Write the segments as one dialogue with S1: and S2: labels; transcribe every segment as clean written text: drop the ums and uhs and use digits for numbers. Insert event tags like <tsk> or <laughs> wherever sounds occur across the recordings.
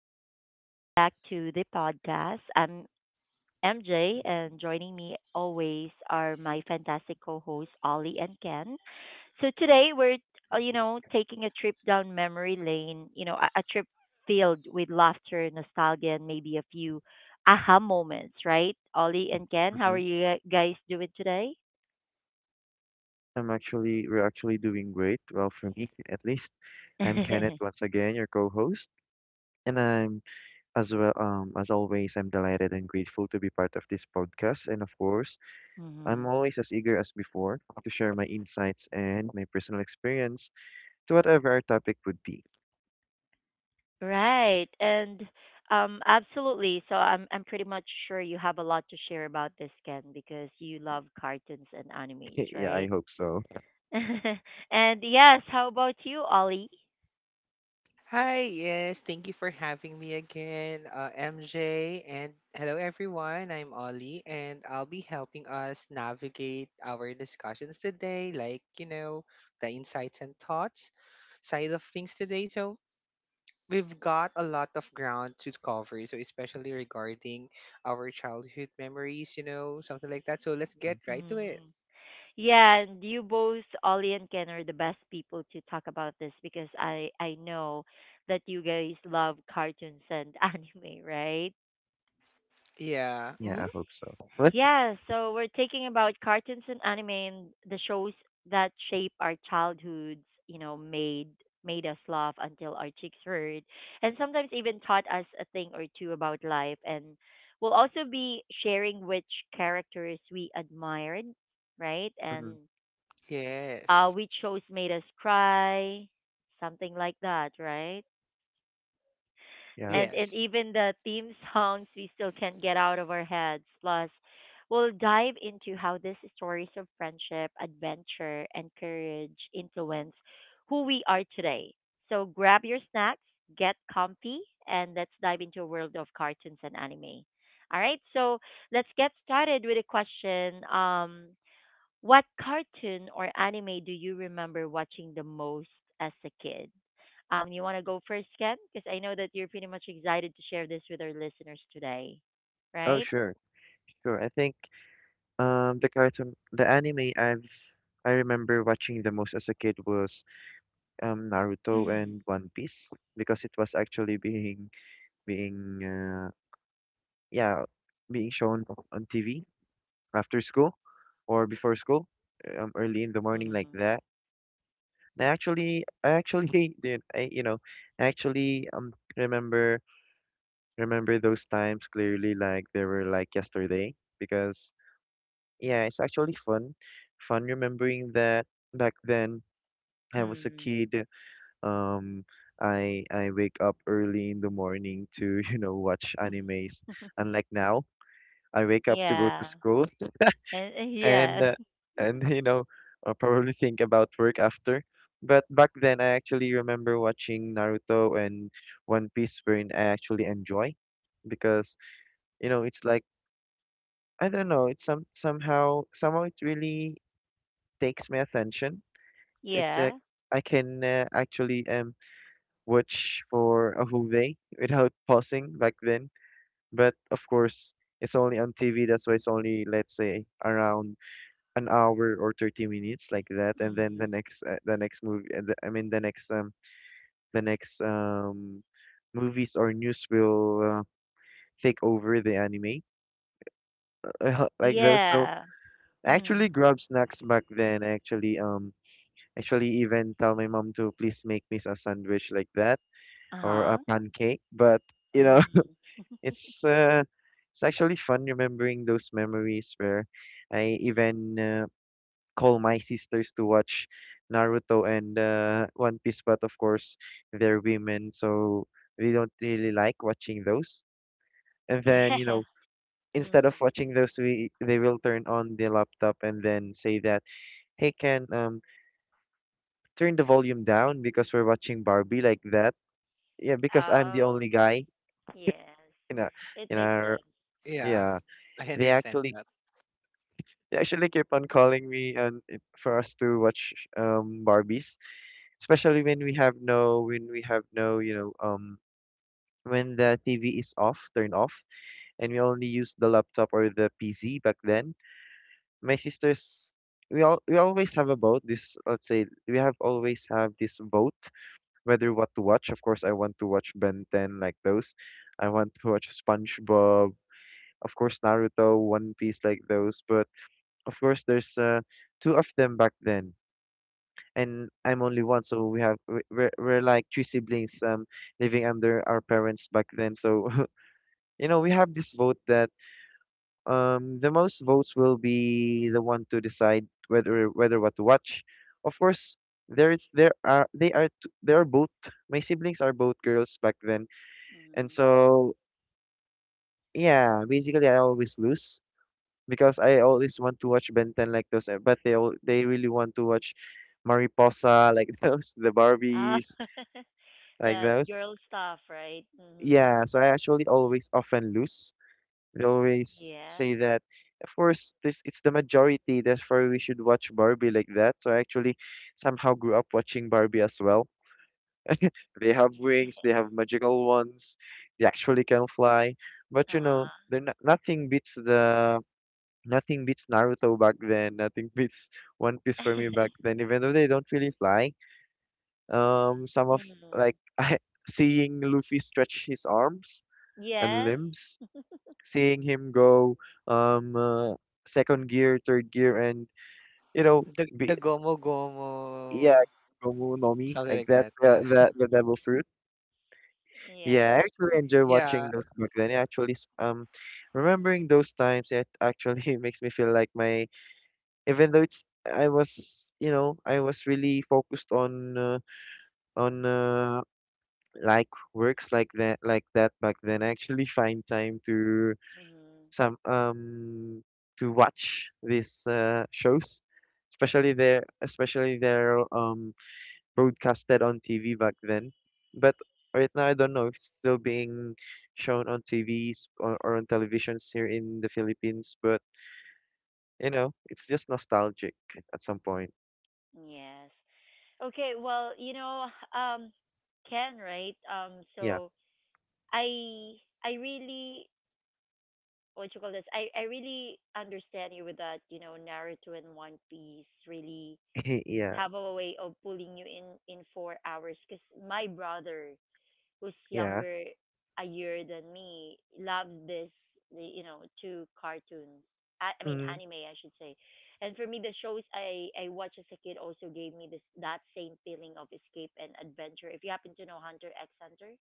S1: and welcome back to the podcast. I'm MJ, and joining me always are my fantastic co hosts, Ollie and Ken. So today we're taking a trip down memory lane, a trip filled with laughter, nostalgia, and maybe a few aha moments, right? Ollie and Ken, how are
S2: hmm
S1: you guys doing today?
S2: we're actually doing great. Well, for me, <laughs> at least. I'm Kenneth
S1: <laughs>
S2: once again, your co-host. And I'm as well, as always, I'm delighted and grateful to be part of this podcast, and of course
S1: hmm
S2: I'm always as eager as before to share my insights and my personal experience to whatever our topic would be.
S1: Right. And Absolutely. So I'm pretty much sure you have a lot to share about this, Ken, because you love cartoons and animes,
S2: <laughs> Yeah, I
S1: right?
S2: hope so.
S1: <laughs> And yes, how about you, Ollie?
S2: Mm.
S1: Mm. Yeah, and you both, Ollie and Ken, are the best people to talk about this because I know that you guys love cartoons and <laughs> anime, right?
S2: Yeah, I hope so. <laughs> What?
S1: Yeah, so we're talking about cartoons and anime and the shows that shape our childhoods, you know, made made us laugh until our cheeks hurt and sometimes even taught us a thing or two about life, and we'll also be sharing which characters we admired, right? And
S2: Mhm.
S1: which shows made us cry, something like that, right?
S2: Yeah.
S1: And even the theme songs we still can't get out of our heads. Plus, we'll dive into how these stories of friendship, adventure, and courage influence who we are today. So grab your snacks, get comfy, and let's dive into a world of cartoons and anime. All right, so let's get started with a question. What cartoon or anime do you remember watching the most as a kid? You want to go first, Ken? Because I know that you're pretty much excited to share this with our listeners today,
S2: Oh,
S1: right?
S2: sure. Sure. I think the anime I remember watching the most as a kid was
S1: <clears throat>
S2: Naruto
S1: mm
S2: and One Piece, because it was actually being being uh. yeah, being shown on TV after school or before school, early in the morning like that. And I actually <laughs> did, I actually remember those times clearly, like they were like yesterday, because yeah, it's actually fun remembering that back then I was a
S1: Mm.
S2: kid. Um, I wake up early in the morning to <laughs> you know watch animes, unlike
S1: <laughs>
S2: now. I wake up to go to
S1: Yeah.
S2: school
S1: And
S2: and
S1: yeah.
S2: uh, and <laughs> you know, probably think about work after. But back then, I actually remember watching Naruto and One Piece, wherein I actually enjoy because you know it's like, I don't know, it's somehow it really takes my attention. It's like
S1: Yeah.
S2: I can, actually watch for a whole day without <laughs> pausing back then. But of course, it's only on TV. That's why it's only, let's say, around an hour or 30 minutes like that, and then
S1: mm
S2: the next movie the, I mean the next movies or news will take over the anime <laughs> like those. So
S1: Yeah.
S2: I actually
S1: mm
S2: grab snacks back then, I actually actually even tell my mom to please make me a sandwich like that, or
S1: Uh-huh.
S2: a pancake, but you know
S1: mm
S2: <laughs> it's uh it's actually fun remembering those memories, where I even, call my sisters to watch Naruto and, One Piece, but of course they're women, so we don't really like watching those. And then,
S1: <laughs>
S2: you
S1: Yeah.
S2: know,
S1: mm
S2: instead of watching those, we they will turn on the laptop and then say that, "Hey, can turn the volume down because we're watching Barbie like that." Yeah, because I'm the
S1: Oh,
S2: only guy
S1: yes.
S2: in our,
S1: It
S2: in
S1: makes
S2: our
S1: sense. Mm
S2: yeah. They actually they actually keep on calling me and for us to watch Barbies, especially when we have when we have no, you know, when the TV is off turned off and we only use the laptop or the PC back then. My sisters, we always have a vote, this, let's say we have always have this vote whether what to watch. Of course I want to watch Ben 10 like those, I want to watch
S1: Mm.
S2: SpongeBob, of course Naruto, One Piece like those, but of course there's, two of them back then, and I'm only one, so we have, we're like three siblings living under our parents back then. So <laughs> you know, we have this vote that the most votes will be the one to decide whether what to watch. Of course, there is there are they are t- they are both, my siblings are both girls back then, and
S1: mm
S2: so yeah, basically I always lose because I always want to watch Ben 10 like those, but they really want to watch Mariposa like <laughs> those, the
S1: Ah,
S2: Barbies
S1: <laughs>
S2: like
S1: the
S2: those.
S1: girl stuff, right? Mm-hmm.
S2: Yeah, so I actually always often lose. They always
S1: Yes.
S2: say that, of course, this it's the majority, therefore we should watch Barbie like that. So I actually somehow grew up watching Barbie as well. They have wings, they have
S1: <laughs>
S2: magical ones, they actually can fly. But you know,
S1: Uh-huh.
S2: they're not, nothing beats the, nothing beats Naruto back then. Nothing <laughs> beats One Piece for me
S1: <laughs>
S2: back then. Even though they don't really fly, some of
S1: Mm-hmm.
S2: like <laughs> I, seeing Luffy stretch his arms and
S1: Yes.
S2: limbs, seeing him go um uh, second gear, third gear, and you know, be, yeah, Gomu no Mi, like that, the devil fruit.
S1: Yeah.
S2: Yeah, I actually enjoy watching those back then. It actually, remembering those times, it actually <laughs> makes me feel like my, even though it's, I was, you know, I was really focused on, on uh, like works like that, back then. I actually <laughs> find time to
S1: Mm-hmm.
S2: some to watch these, shows, especially they're broadcasted on TV back then. But right now I don't know if it's still being shown on TVs, or on televisions here in the Philippines, but you know, it's just nostalgic at some point.
S1: Yes. Okay, well, um, Ken, right? Um,
S2: Yeah.
S1: so I I really what you call this? I really understand you with that, you know, Naruto and One Piece really
S2: <laughs> Yeah.
S1: have a way of pulling you in 4 hours because my brother who's
S2: Yeah.
S1: younger a year than me loved this the you know two cartoons, I mean
S2: Mm.
S1: anime I should say. And for me, the shows I watched as a kid also gave me this that same feeling of escape and adventure. If you happen to know Hunter x Hunter,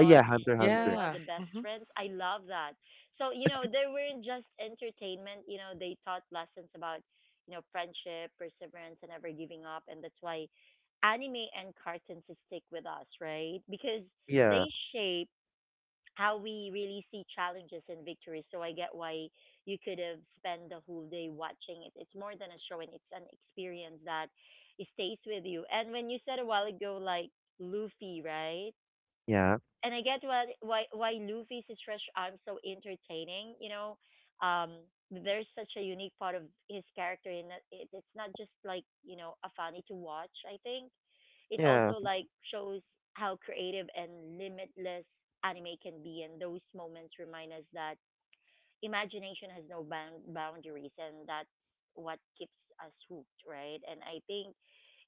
S2: Yeah,
S1: and
S2: Hunter x Hunter.
S1: Kilua, the best friends. I love that. So, you know, they weren't just entertainment, you know, they taught lessons about, you know, friendship, perseverance, and never giving up. And that's why anime and cartoons stick with us, right? Because
S2: Yeah.
S1: they shape how we really see challenges and victories. So I get why you could have spent the whole day watching it. It's more than a show, and it's an experience that it stays with you. And when you said a while ago, like Luffy, right?
S2: Yeah.
S1: And I get why Luffy's stretch arms so entertaining. You know, um, there's such a unique part of his character, and it's not just like you know a funny to watch. I think it
S2: Yeah.
S1: also like shows how creative and limitless anime can be, and those moments remind us that imagination has no boundaries, and that's what keeps us hooked, right? And I think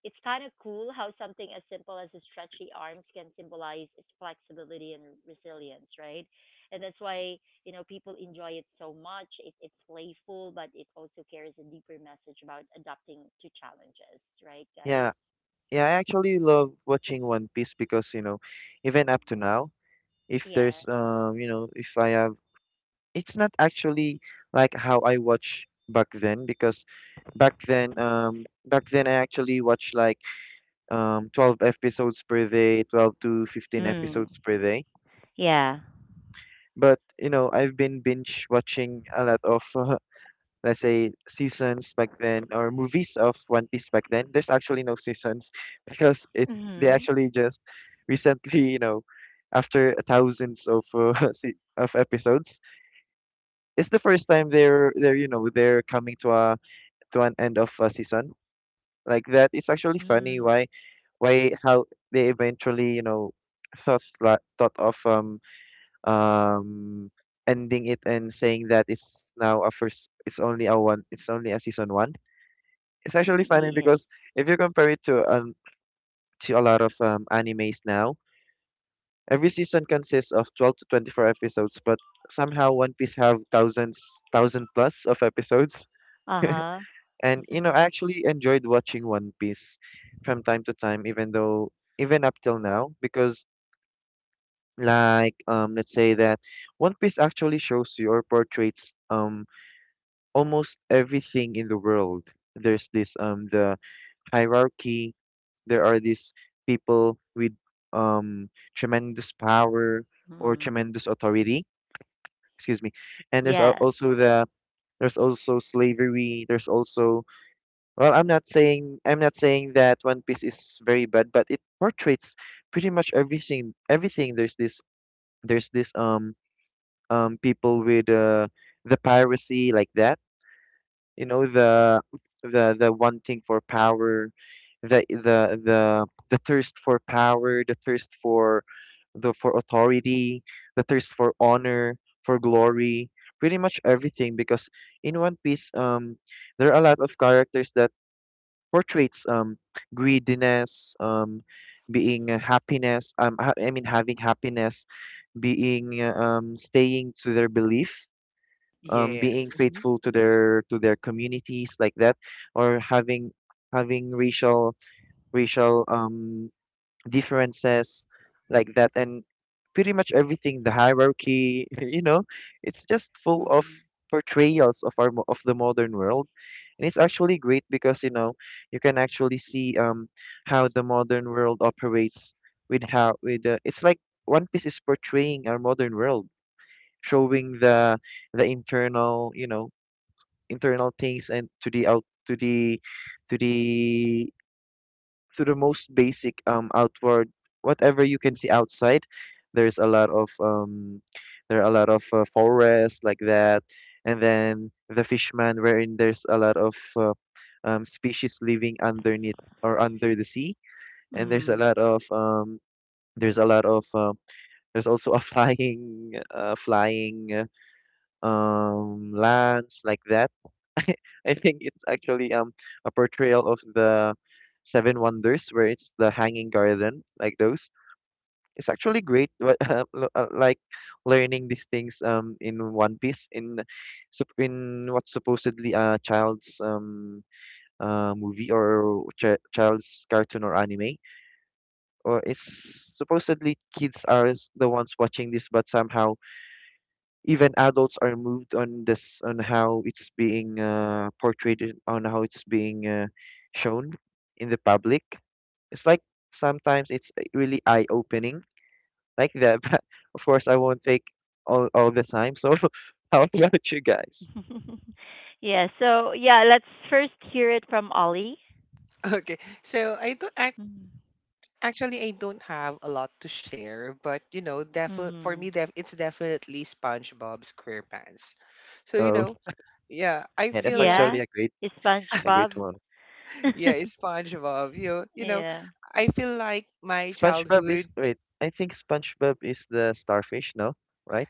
S1: it's kind of cool how something as simple as a stretchy arms can symbolize its flexibility and resilience, right? And that's why, you know, people enjoy it so much. It's playful, but it also carries a deeper message about adapting to challenges, right,
S2: Yeah.
S1: guys?
S2: Yeah, I actually love watching One Piece because, you know, even up
S1: Mm.
S2: to now, if
S1: Yeah.
S2: there's you know if I have, it's not actually like how I watch back then, because back then I actually watched like 12 episodes per day, 12 to 15
S1: Mm.
S2: episodes per day,
S1: Yeah.
S2: but you know I've been binge watching a lot of, <laughs> let's say seasons back then, or movies of One Piece back then. There's actually no seasons, <laughs> because it they
S1: Mm-hmm.
S2: actually just recently, you know, after thousands of, <laughs> se- of episodes, it's the first time they're you know they're coming to a to an end of a season like that. It's actually funny
S1: Mm.
S2: why how they eventually, you know, thought of um ending it and saying that it's now a first it's only a one it's only a season one. It's
S1: Mm.
S2: actually funny
S1: Yeah.
S2: because if you compare it to, to a lot of animes now, every season consists of 12 to 24 episodes, but somehow one piece have thousand plus of episodes.
S1: Uh-huh.
S2: And you know, I actually enjoyed watching One Piece from time to time, even though, even up till now, because let's say that One Piece actually shows you, or portrays, almost everything in the world. There's this, the hierarchy, there are these people with um tremendous power, or
S1: Hmm. <laughs>
S2: tremendous authority, excuse me. And
S1: Yes.
S2: also the, there's also slavery, there's also, well, I'm not saying that One Piece is very bad, but it portrays pretty much everything. Everything, there's this people with, the piracy like that. You know, the wanting for power, the thirst for power, the thirst for, the for authority, the thirst for honor, for glory, pretty much everything. Because in One Piece, there are a lot of characters that portraits greediness, being happiness, having happiness, being, staying to their belief, being faithful to their communities like that, or having, racial, racial um differences like that, and pretty much everything, the hierarchy. <laughs> You know, it's just full of
S1: Mm.
S2: portrayals of our, of the modern world, and it's actually great because you know you can actually see how the modern world operates with, how with it's like One Piece is portraying our modern world, showing the, internal, you know, internal things, and to the to the, most basic, outward, whatever you can see outside. There's a lot of, there are a lot of, forests like that, and then the fishman, wherein there's a lot of, species living underneath or under the sea, and there's a
S1: Mm.
S2: lot of, there's a lot of um, there's also a <laughs> flying, lands like that. <laughs> I think it's actually a portrayal of the Seven Wonders, where it's the Hanging Garden, like those. It's actually great, but <laughs> like learning these things in One Piece, in what's supposedly a child's, movie, or child's cartoon or anime, or it's supposedly kids are, the ones watching this, but somehow even adults are moved on this, on how it's being, on how it's being, shown in the public. It's like sometimes it's, really eye opening like that. <laughs> But of course I won't take all the time, so <laughs> how about you guys?
S1: <laughs> Yeah. So yeah, let's first hear it from Ollie. Mm. Mm.
S2: Oh yeah, that's
S1: Yeah.
S2: actually a great,
S1: It's
S2: a great
S1: SpongeBob.
S2: one.
S1: <laughs> Yeah.
S2: SpongeBob is, wait, I think SpongeBob is the starfish, no, right?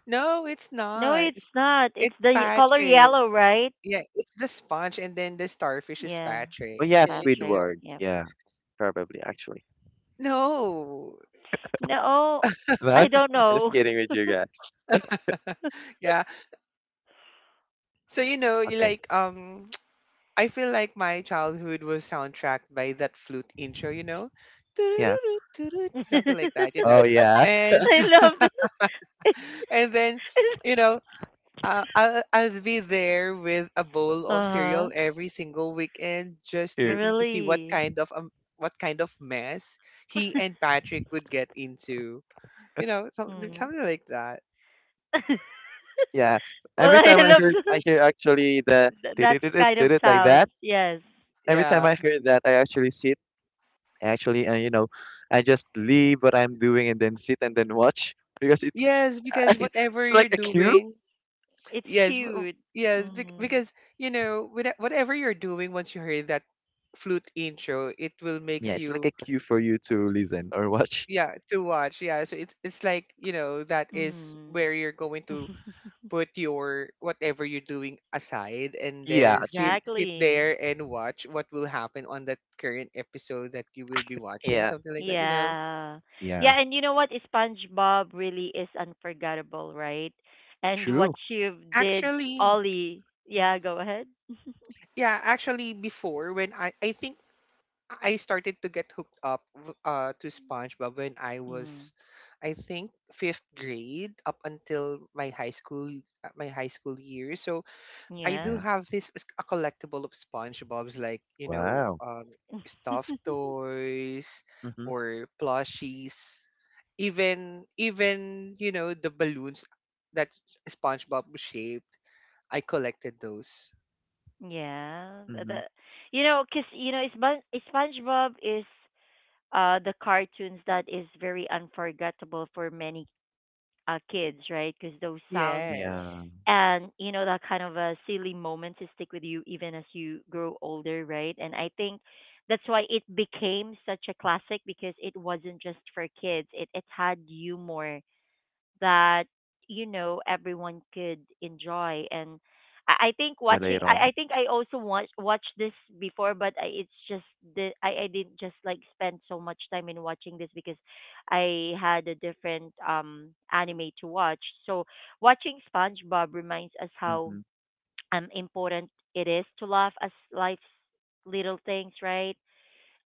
S1: No, it's not. It's the ye- color yellow, right? Yeah,
S2: Oh yeah,
S1: Patrick.
S2: Squidward,
S1: Yeah.
S2: yeah, probably, actually,
S1: No, I
S2: but <laughs>
S1: don't
S2: I'm just
S1: know.
S2: kidding with you guys. Okay. Yeah.
S1: <laughs> I
S2: Oh yeah, that's
S1: love. Uh huh.
S2: true.
S1: Really. Hmm. <laughs>
S2: Yeah.
S1: Well,
S2: Every
S1: I
S2: time I
S1: love
S2: heard I
S1: the
S2: hear actually the
S1: th-
S2: did
S1: that
S2: it did it
S1: kind
S2: did
S1: of
S2: it like
S1: sound.
S2: that.
S1: Yes,
S2: Every time I hear that I actually sit actually and I just leave what I'm doing and then sit and then watch because it's <laughs> it's like a cue.
S1: it's cute. Mm.
S2: Yeah, it's like a cue for you to listen or watch.
S1: Mm.
S2: Yeah, true.
S1: Exactly.
S2: Yeah.
S1: Yeah.
S2: Yeah.
S1: Yeah, and you know what? SpongeBob really is unforgettable, right? And what
S2: True.
S1: you did, Ollie. Yeah, go ahead. Mm. Yeah.
S2: Yeah. Wow. Mhm.
S1: Yeah. The,
S2: Mhm.
S1: you know, cause you know, Spon- SpongeBob is the cartoons that is very unforgettable for many kids, right? Cause those sounds,
S2: Yeah.
S1: and you know that kind of a silly moment to stick with you even as you grow older, right? And I think that's why it became such a classic, because it wasn't just for kids, it had humor that, you know, everyone could enjoy. And I think watching,
S2: Relate on.
S1: I think I also watched this before, but it's just the I didn't just like spend so much time in watching this because I had a different anime to watch. So watching SpongeBob reminds us how
S2: Mhm.
S1: important it is to laugh at life's little things, right?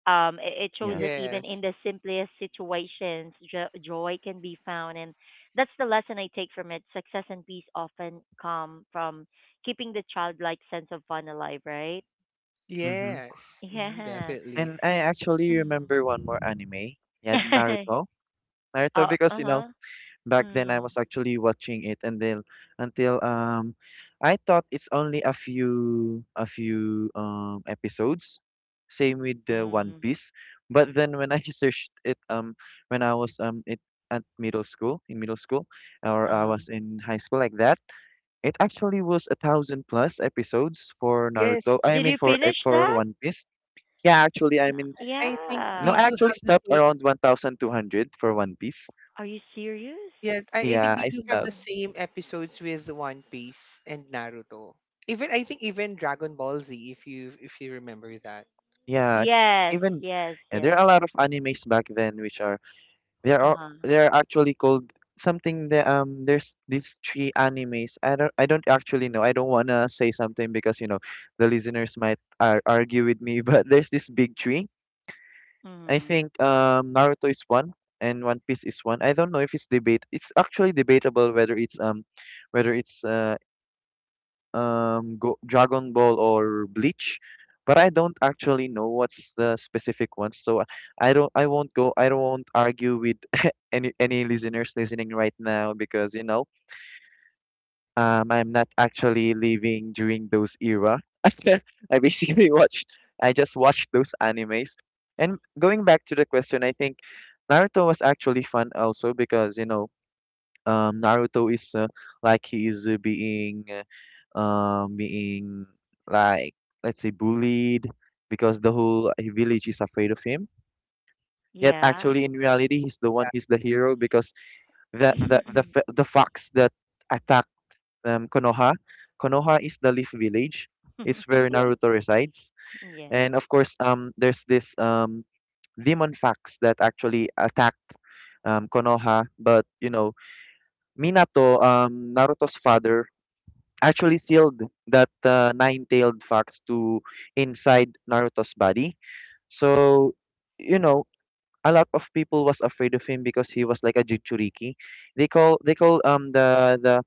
S1: It shows
S2: Yeah.
S1: that even in the simplest situations, joy can be found. And that's the lesson I take from it. Success and peace often come from keeping the childlike sense of fun alive, right?
S2: Mhm.
S1: Yeah.
S2: And I actually remember one
S1: Mm.
S2: more anime, yeah, Naruto.
S1: <laughs>
S2: Naruto
S1: Uh,
S2: because
S1: huh.
S2: back then I
S1: Mm.
S2: was actually watching it and then until I thought it's only a few episodes. Same with the One
S1: Mm. <laughs>
S2: Piece. But then when I <laughs> searched it when I was it at middle school in middle school or I
S1: Uh-huh.
S2: was in high school like that, it actually was a thousand plus episodes for Naruto. I
S1: Did
S2: mean
S1: you finish
S2: for
S1: that?
S2: One Piece. Yeah, actually, I mean no, I
S1: Yeah.
S2: actually stopped around 1,200 for One Piece.
S1: Are you serious?
S2: Yeah, I stopped.
S1: No.
S2: Yeah, ch-
S1: Yes,
S2: even
S1: yes,
S2: yeah, there
S1: yes.
S2: are a lot of animes back then which are there are
S1: Uh-huh.
S2: they are actually called something that there's these three animes. I don't actually know. I don't wanna say something because the listeners might ar argue with me. <laughs> But there's this big three. I
S1: Mm.
S2: think Naruto is one and One Piece is one. I don't know if it's debate. It's actually debatable whether it's Go Dragon Ball or Bleach, but I don't actually know what's the specific ones. So I won't argue with <laughs> any listeners listening right now because I'm not actually living during those era. <laughs> I basically watched I just watched those animes. And going back to the question, I think Naruto was actually fun also because Naruto is like he is being being like let's say bullied because the whole village is afraid of him. Yet
S1: Yeah.
S2: actually in reality he's the hero because the fox that attacked Konoha, Konoha is the leaf village. It's where Naruto resides.
S1: Yeah.
S2: And of course there's this demon fox that actually attacked Konoha, but Minato, Naruto's father, actually sealed that nine-tailed fox to inside Naruto's body. So, you know, a lot of people was afraid of him because he was like a Jinchuriki. They call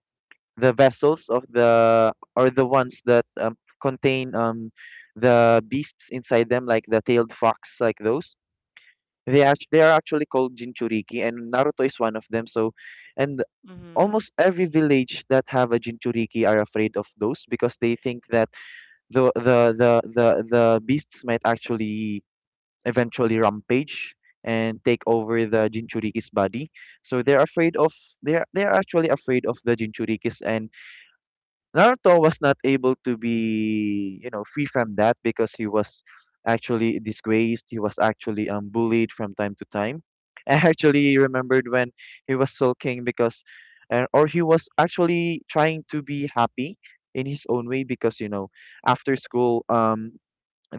S2: the vessels of the, or the ones that contain the beasts inside them, like the tailed fox like those. They are actually called Jinchuriki, and Naruto is one of them. So, and
S1: Mm-hmm.
S2: almost every village that have a Jinchuriki are afraid of those because they think that the beasts might actually eventually rampage and take over the Jinchuriki's body. So they're actually afraid of the Jinchurikis, and Naruto was not able to be, you know, free from that because he was actually disgraced. He was actually bullied from time to time. <laughs> I actually remembered when he was sulking because, or he was actually trying to be happy in his own way because you know, after school,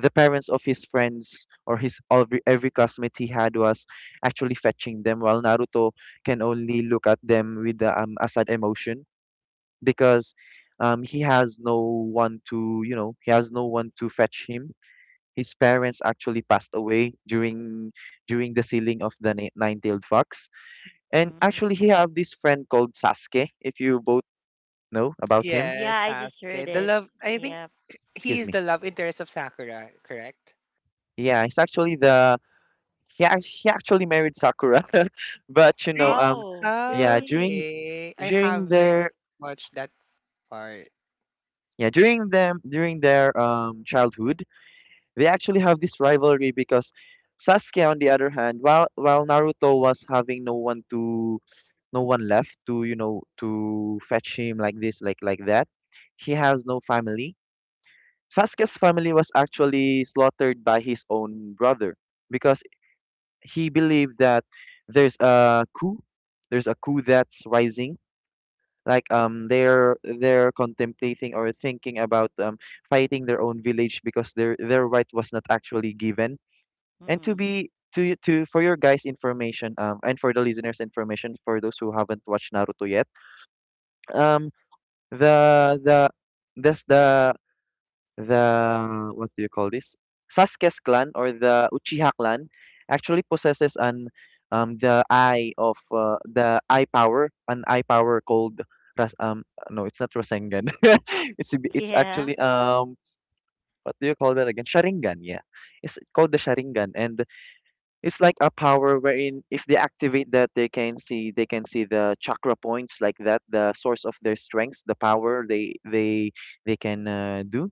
S2: the parents of his friends, or his every classmate he had, was actually fetching them, while Naruto can only look at them with the a sad emotion because he has no one to, you know, he has no one to fetch him. His parents actually passed away during the sealing of the nine-tailed fox. And
S1: Mm.
S2: actually, he have this friend called Sasuke. If you both know about him,
S1: Yeah, I just heard it. Yeah.
S2: excuse me. Yeah, he's actually the he actually married Sakura, <laughs> but you know,
S1: Oh,
S2: yeah,
S1: really?
S2: during their yeah during them during their childhood. They actually have this rivalry because Sasuke, on the other hand, while Naruto was having no one to no one left to, you know, to fetch him like this like that, he has no family. Sasuke's family was actually slaughtered by his own brother because he believed that there's a coup, there's a coup that's rising. Like they're contemplating or thinking about fighting their own village because their right was not actually given. And to
S1: Mm-hmm.
S2: be to for your guys' information, and for the listeners' information, for those who haven't watched Naruto yet, um, the this the what do you call this? Sasuke's clan, or the Uchiha clan, actually possesses an the eye of, the eye power, an eye power called Ras, no, it's not Rasengan. <laughs> it's
S1: <laughs>
S2: it's
S1: Yeah.
S2: actually what do you call that again? Sharingan, yeah. It's called the Sharingan. And it's like a power wherein if they activate that, they can see the chakra points like that, the source of their strengths, the power they can, do.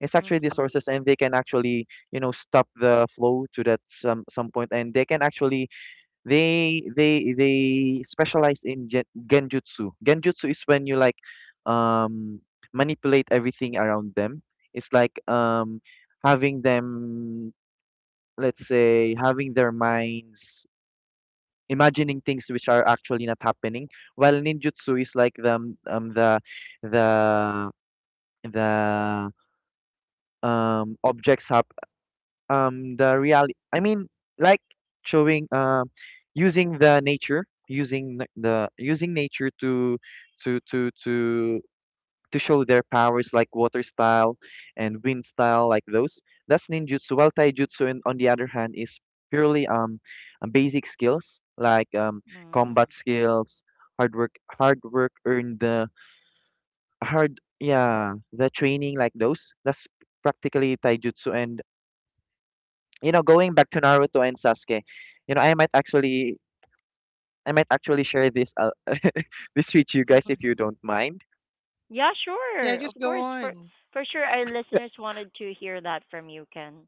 S2: It's actually the
S1: Mm-hmm.
S2: sources, and they can actually you know stop the flow to that some point, and they can actually they specialize in genjutsu. Genjutsu is when you like um manipulate everything around them. It's like having them, let's say, having their minds imagining things which are actually not happening, while ninjutsu is like the the objects have the reality. I mean, like, showing using the nature, using n- the using nature to to to to to show their powers, like water style and wind style like those. That's ninjutsu. While taijutsu, and on the other hand, is purely basic skills like combat
S1: Mm-hmm.
S2: skills, hard work earned the hard, yeah, the training like those. That's practically taijutsu. And you know, going back to Naruto and Sasuke. You know, I might actually share this <laughs> this with you guys if you don't
S1: <laughs>
S2: mind.
S1: Yeah, sure. Of course. For sure our listeners wanted to hear that from you, Ken.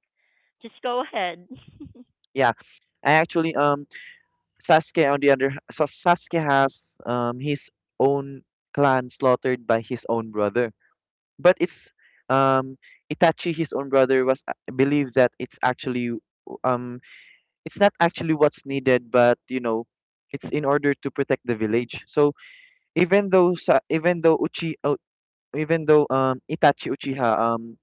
S1: Just go ahead. <laughs>
S2: Yeah, I actually Sasuke on the other so Sasuke has his own clan slaughtered by his own brother. But it's um Itachi, his own brother, was, believed that it's actually um it's not actually what's needed, but you know it's in order to protect the village. So even though Sa- even though Uchi uh, even though Itachi Uchiha, um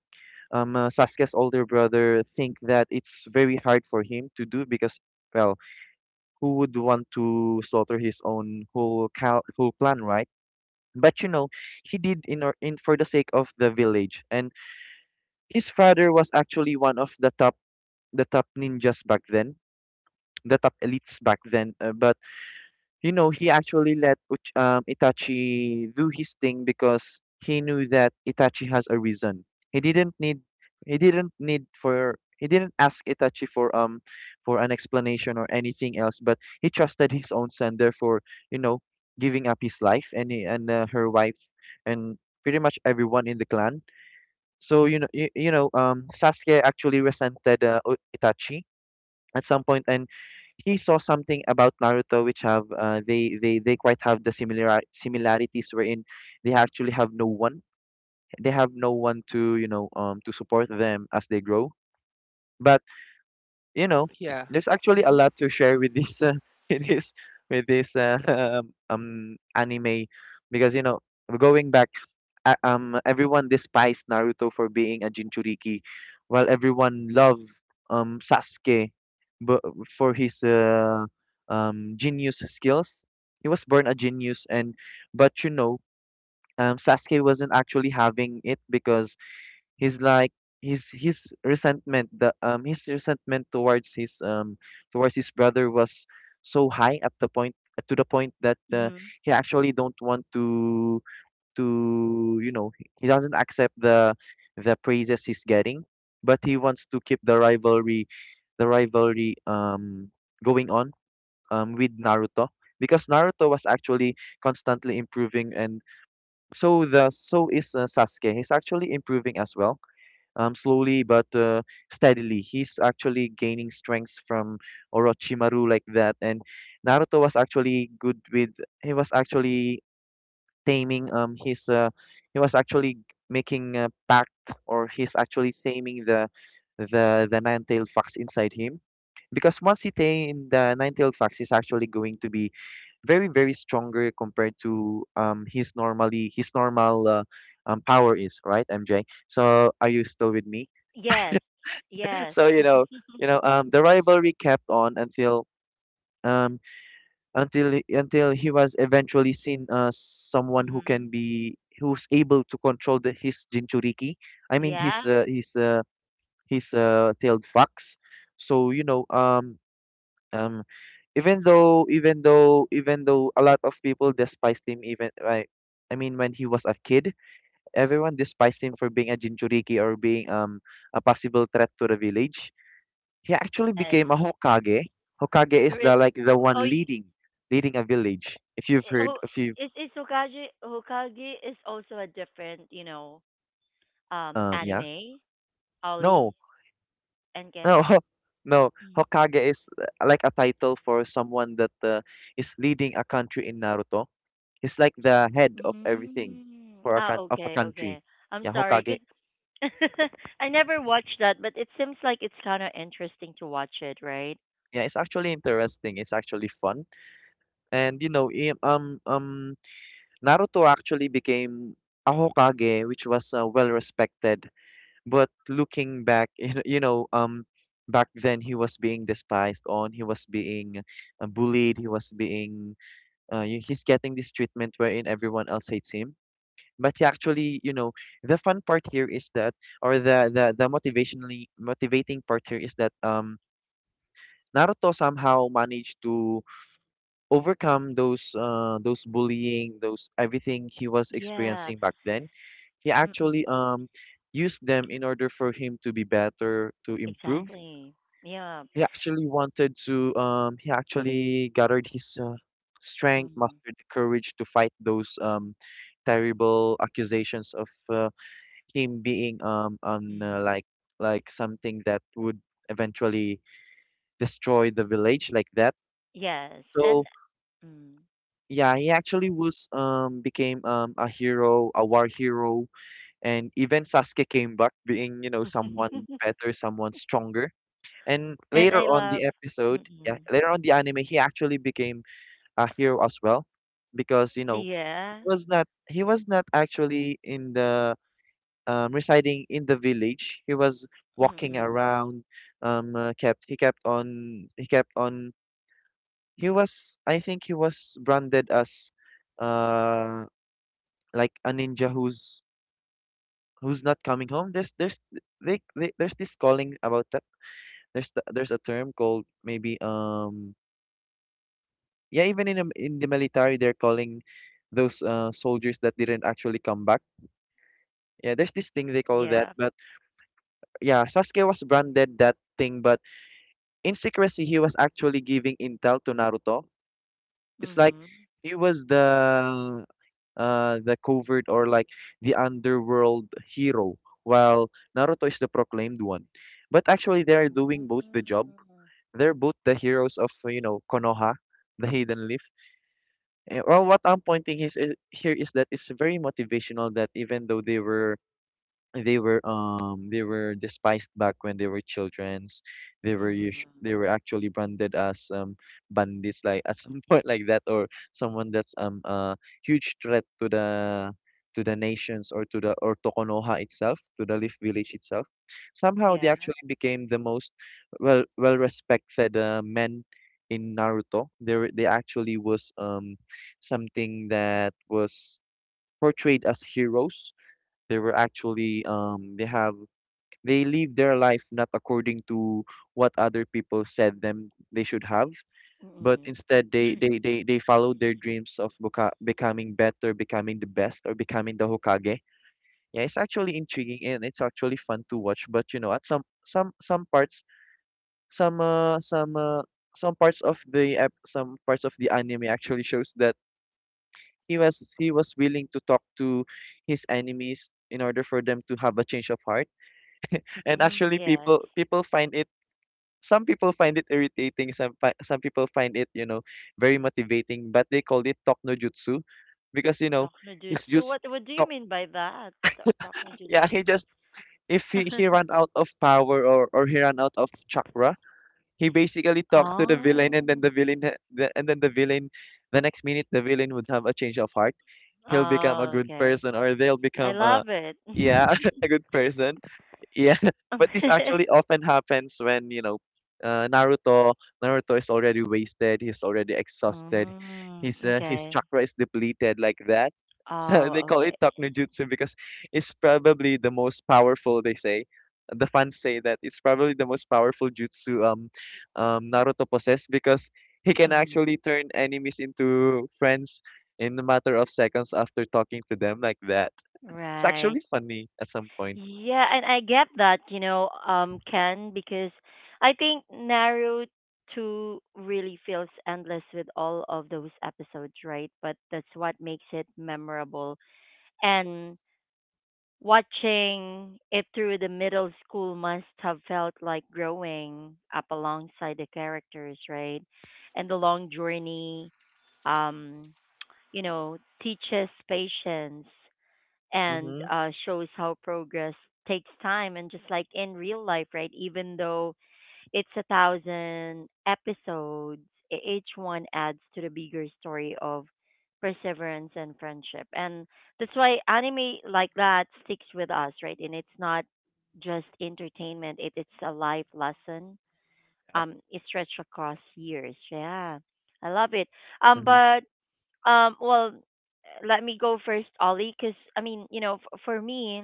S2: um uh, Sasuke's older brother, think that it's very hard for him to do because well, who would want to slaughter his own whole clan, right? But you know, he did in or in for the sake of the village. And his father was actually one of the top ninjas back then, the top elites back then. But you know, he actually let Itachi do his thing because he knew that Itachi has a reason. He didn't need he didn't ask Itachi for an explanation or anything else, but he trusted his own son. Therefore, you know, giving up his life, and her wife, and pretty much everyone in the clan. So you know, you know Sasuke actually resented, Itachi at some point. And he saw something about Naruto which have, they quite have the similar similarities, wherein they actually have no one, they have no one to, you know, to support them as they grow. But you know, there's actually a lot to share with this, <laughs> with this, with this <laughs> anime, because you know, going back, everyone despised Naruto for being a Jinchuriki, while everyone loved Sasuke, but for his genius skills. He was born a genius, and but Sasuke wasn't actually having it because he's like his resentment the his resentment towards his brother was so high at the point to the point that
S1: Mm-hmm.
S2: he actually don't want to he doesn't accept the praises he's getting, but he wants to keep the rivalry, the rivalry going on with Naruto, because Naruto was actually constantly improving, and so the so is Sasuke, he's actually improving as well, slowly but steadily, he's actually gaining strengths from Orochimaru like that. And Naruto was actually good with, he was actually taming his he was actually making a pact, or he's actually taming the the nine-tailed fox inside him, because once he tame the nine-tailed fox, he's actually going to be very, very stronger compared to his normally his normal power is right. MJ, so are you still with me?
S1: Yes. Yes.
S2: <laughs> so you
S1: <laughs>
S2: know you know um the rivalry kept on um until until he was eventually seen as someone who
S1: Mm-hmm.
S2: can be who's able to control the, his jinchuriki, I mean
S1: Yeah.
S2: his tailed fox. So you know um um even though a lot of people despised him, even I mean when he was a kid, everyone despised him for being a jinchuriki or being a possible threat to the village, he actually
S1: Yes.
S2: became a Hokage. Hokage is
S1: Re-
S2: the like the one
S1: oh, y-
S2: leading, leading a village. If you've
S1: oh,
S2: heard, if you
S1: is Hokage, Hokage is also a different, you know,
S2: yeah.
S1: anime, Ollie
S2: No.
S1: and Ken.
S2: No. <laughs> No.
S1: Mm.
S2: Hokage is like a title for someone that is leading a country in Naruto. He's like the head of everything
S1: Mm.
S2: for a
S1: Ah,
S2: of a
S1: okay,
S2: country.
S1: okay. I'm
S2: Yeah,
S1: sorry,
S2: Hokage.
S1: 'cause <laughs> I never watched that, but it seems like it's kind of interesting to watch it, right?
S2: Yeah, it's actually interesting. It's actually fun. And you know, Naruto actually became a Hokage which was well respected, but looking back <laughs> back then, he was being despised on, he was being bullied, he was being he's getting this treatment wherein everyone else hates him. But he actually, you know, the fun part here is that, or the the motivationally motivating part here is that Naruto somehow managed to overcome those bullying, those everything he was
S1: Yeah.
S2: experiencing back then. He
S1: Mm-mm.
S2: actually used them in order for him to be better, to improve.
S1: Exactly. Yeah.
S2: He actually wanted to um, he actually gathered his strength,
S1: Mm.
S2: mustered the courage to fight those terrible accusations of him being on
S1: Mm.
S2: like something that would eventually destroy the village like that.
S1: Yes, and
S2: So
S1: mm.
S2: yeah, he actually was um, became um, a hero, a war hero. And even Sasuke came back being, you know, someone better, someone stronger. And
S1: And
S2: later
S1: I
S2: on
S1: love.
S2: the episode, yeah,
S1: Mm-mm.
S2: later on the anime, he actually became a hero as well, because you know,
S1: Yeah.
S2: he was not actually in the residing in the village. He was walking
S1: Mm-mm.
S2: around. Kept, he kept on, he kept on, he was, I think he was branded as uh like a ninja who's not coming home. There's they there's this calling about that. There's a term called, maybe, yeah, even in in the military, they're calling those soldiers that didn't actually come back. Yeah, there's this thing they call that.
S1: Yeah.
S2: But yeah, Sasuke was branded that thing, but in secrecy he was actually giving intel to Naruto. It's like
S1: Mm-hmm.
S2: he was the covert, or like the underworld hero, while Naruto is the proclaimed one. But actually, they are doing both the job.
S1: Mm-hmm.
S2: They're both the heroes of you know, Konoha, the Hidden Leaf. Eh, well, what I'm pointing is, here is that it's very motivational that even though they were, they were um, they were despised back when they were childrens, they were
S1: Mm-hmm.
S2: they were actually branded as bandits like at some <laughs> point like that, or someone that's um, a huge threat to the nations, or to the or to Konoha itself, to the Leaf Village itself, somehow
S1: Yeah.
S2: they actually became the most well, well respected men in Naruto. They they actually was um, something that was portrayed as heroes. They were actually um, they have, they live their life not according to what other people said them they should have, but
S1: Mm-mm.
S2: instead, they followed their dreams of becoming better, becoming the best, or becoming the Hokage. Yeah, it's actually intriguing and it's actually fun to watch. But you know, at some parts, some uh some uh some parts of the some parts of the anime actually shows that he was willing to talk to his enemies in order for them to have a change of heart. And
S1: Mm,
S2: actually,
S1: yes.
S2: people find it, some people find it irritating, some some people find it, you know, very motivating. But they called it talk no jutsu, because you know,
S1: Talk no
S2: he's
S1: jutsu.
S2: just
S1: What do you
S2: talk.
S1: mean by that? Ta- Talk no
S2: Yeah,
S1: jutsu.
S2: he just, if he
S1: <laughs>
S2: ran out of power, or he ran out of chakra, he basically talks to the villain,
S1: Oh.
S2: and then the villain, the next minute the villain would have a change of heart, he'll become a
S1: Oh,
S2: good
S1: okay.
S2: person, or they'll
S1: I
S2: become a,
S1: love it.
S2: yeah,
S1: <laughs>
S2: <laughs> a good person. Yeah, <laughs> but this actually often happens when, you know, uh, Naruto Naruto is already wasted, he's already exhausted,
S1: Mm,
S2: his
S1: okay.
S2: chakra is depleted like that. <laughs> So
S1: Oh,
S2: they call
S1: okay.
S2: it jutsu because it's probably the most powerful. They say, the fans say that it's probably the most powerful jutsu, Naruto possess, because he can
S1: Mm,
S2: actually turn enemies into friends in a matter of seconds after talking to them like that. It's
S1: right.
S2: actually funny at some point.
S1: Yeah, and I get that, you know, Ken, because I think Naruto two really feels endless with all of those episodes, right? But that's what makes it memorable. And watching it through the middle school must have felt like growing up alongside the characters, right? And the long journey, um, you know, teaches patience and
S2: Mm-hmm.
S1: uh shows how progress takes time. And just like in real life, right? Even though it's a thousand episodes. E- Each one adds to the bigger story of perseverance and friendship. And that's why anime like that sticks with us, right? And it's not just entertainment, it's a life lesson. It stretched across years. Yeah. I love it.
S2: Yeah.
S1: But Well, let me go first, Ollie, because I mean, you know, f- for me,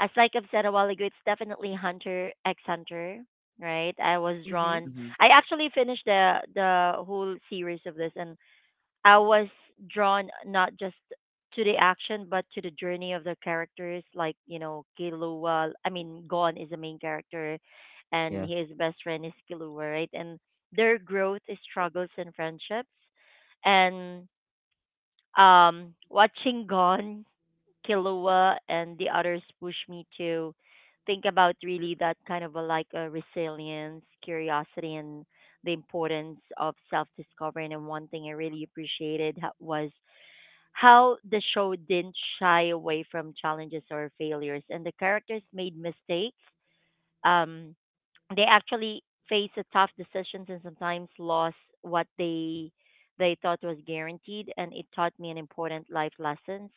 S1: as like I've said a while ago, it's definitely Hunter X Hunter, right? I was
S3: Mm-hmm.
S1: drawn.
S2: Mhm.
S1: I actually finished the whole series of this, and I was drawn not just to the action, but to the journey of the characters. Like you know, Killua. I mean, Gon is the main character, and
S2: Yeah,
S1: his best friend is Killua, right? And their growth, struggles, and friendships, and watching Gon, Kilua, and the others push me to think about really that kind of a like a resilience, curiosity, and the importance of self discovery. And one thing I really appreciated ho- was how the show didn't shy away from challenges or failures, and the characters made mistakes. Um, they actually face a tough decisions and sometimes lost what they thought was guaranteed, and it taught me an important life lessons.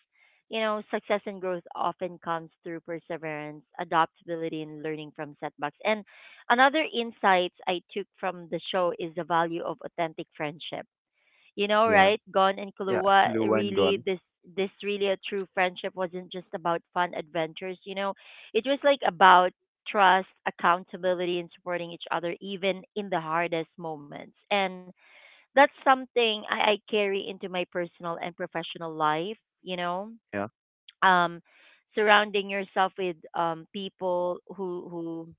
S1: You know, success and growth often comes through perseverance, adaptability, and learning from setbacks. And another insights I took from the show is the value of authentic friendship, you know,
S2: yeah,
S1: right? Gon and
S2: yeah.
S1: Kalua
S2: Actually, one
S1: really
S2: gone.
S1: this this really a true friendship wasn't just about fun adventures, you know. It was like about trust, accountability, and supporting each other even in the hardest moments. And that's something I carry into my personal and professional life, you know.
S2: Yeah,
S1: Um Surrounding yourself with people who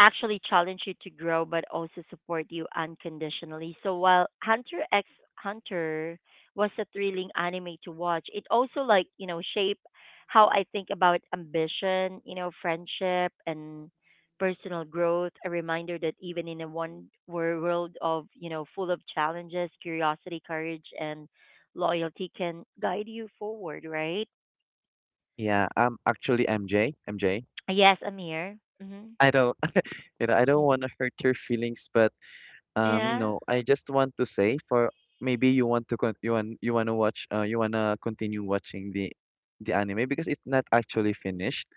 S1: actually challenge you to grow but also support you unconditionally. So while Hunter X Hunter was a thrilling anime to watch, it also like, you know, shaped how I think about ambition, you know, friendship, and personal growth, a reminder that even in a one world of, you know, full of challenges, curiosity, courage, and loyalty can guide you forward, right?
S2: yeah. Actually, MJ, MJ,
S1: Yes, I'm here. Hmm.
S2: I don't, <laughs> you know, I don't want
S1: <laughs>
S2: to hurt your feelings, but you
S1: Yeah.
S2: know, I just want to say for, maybe you want to con you want, you want to watch you wanna continue watching the anime, because it's not actually finished.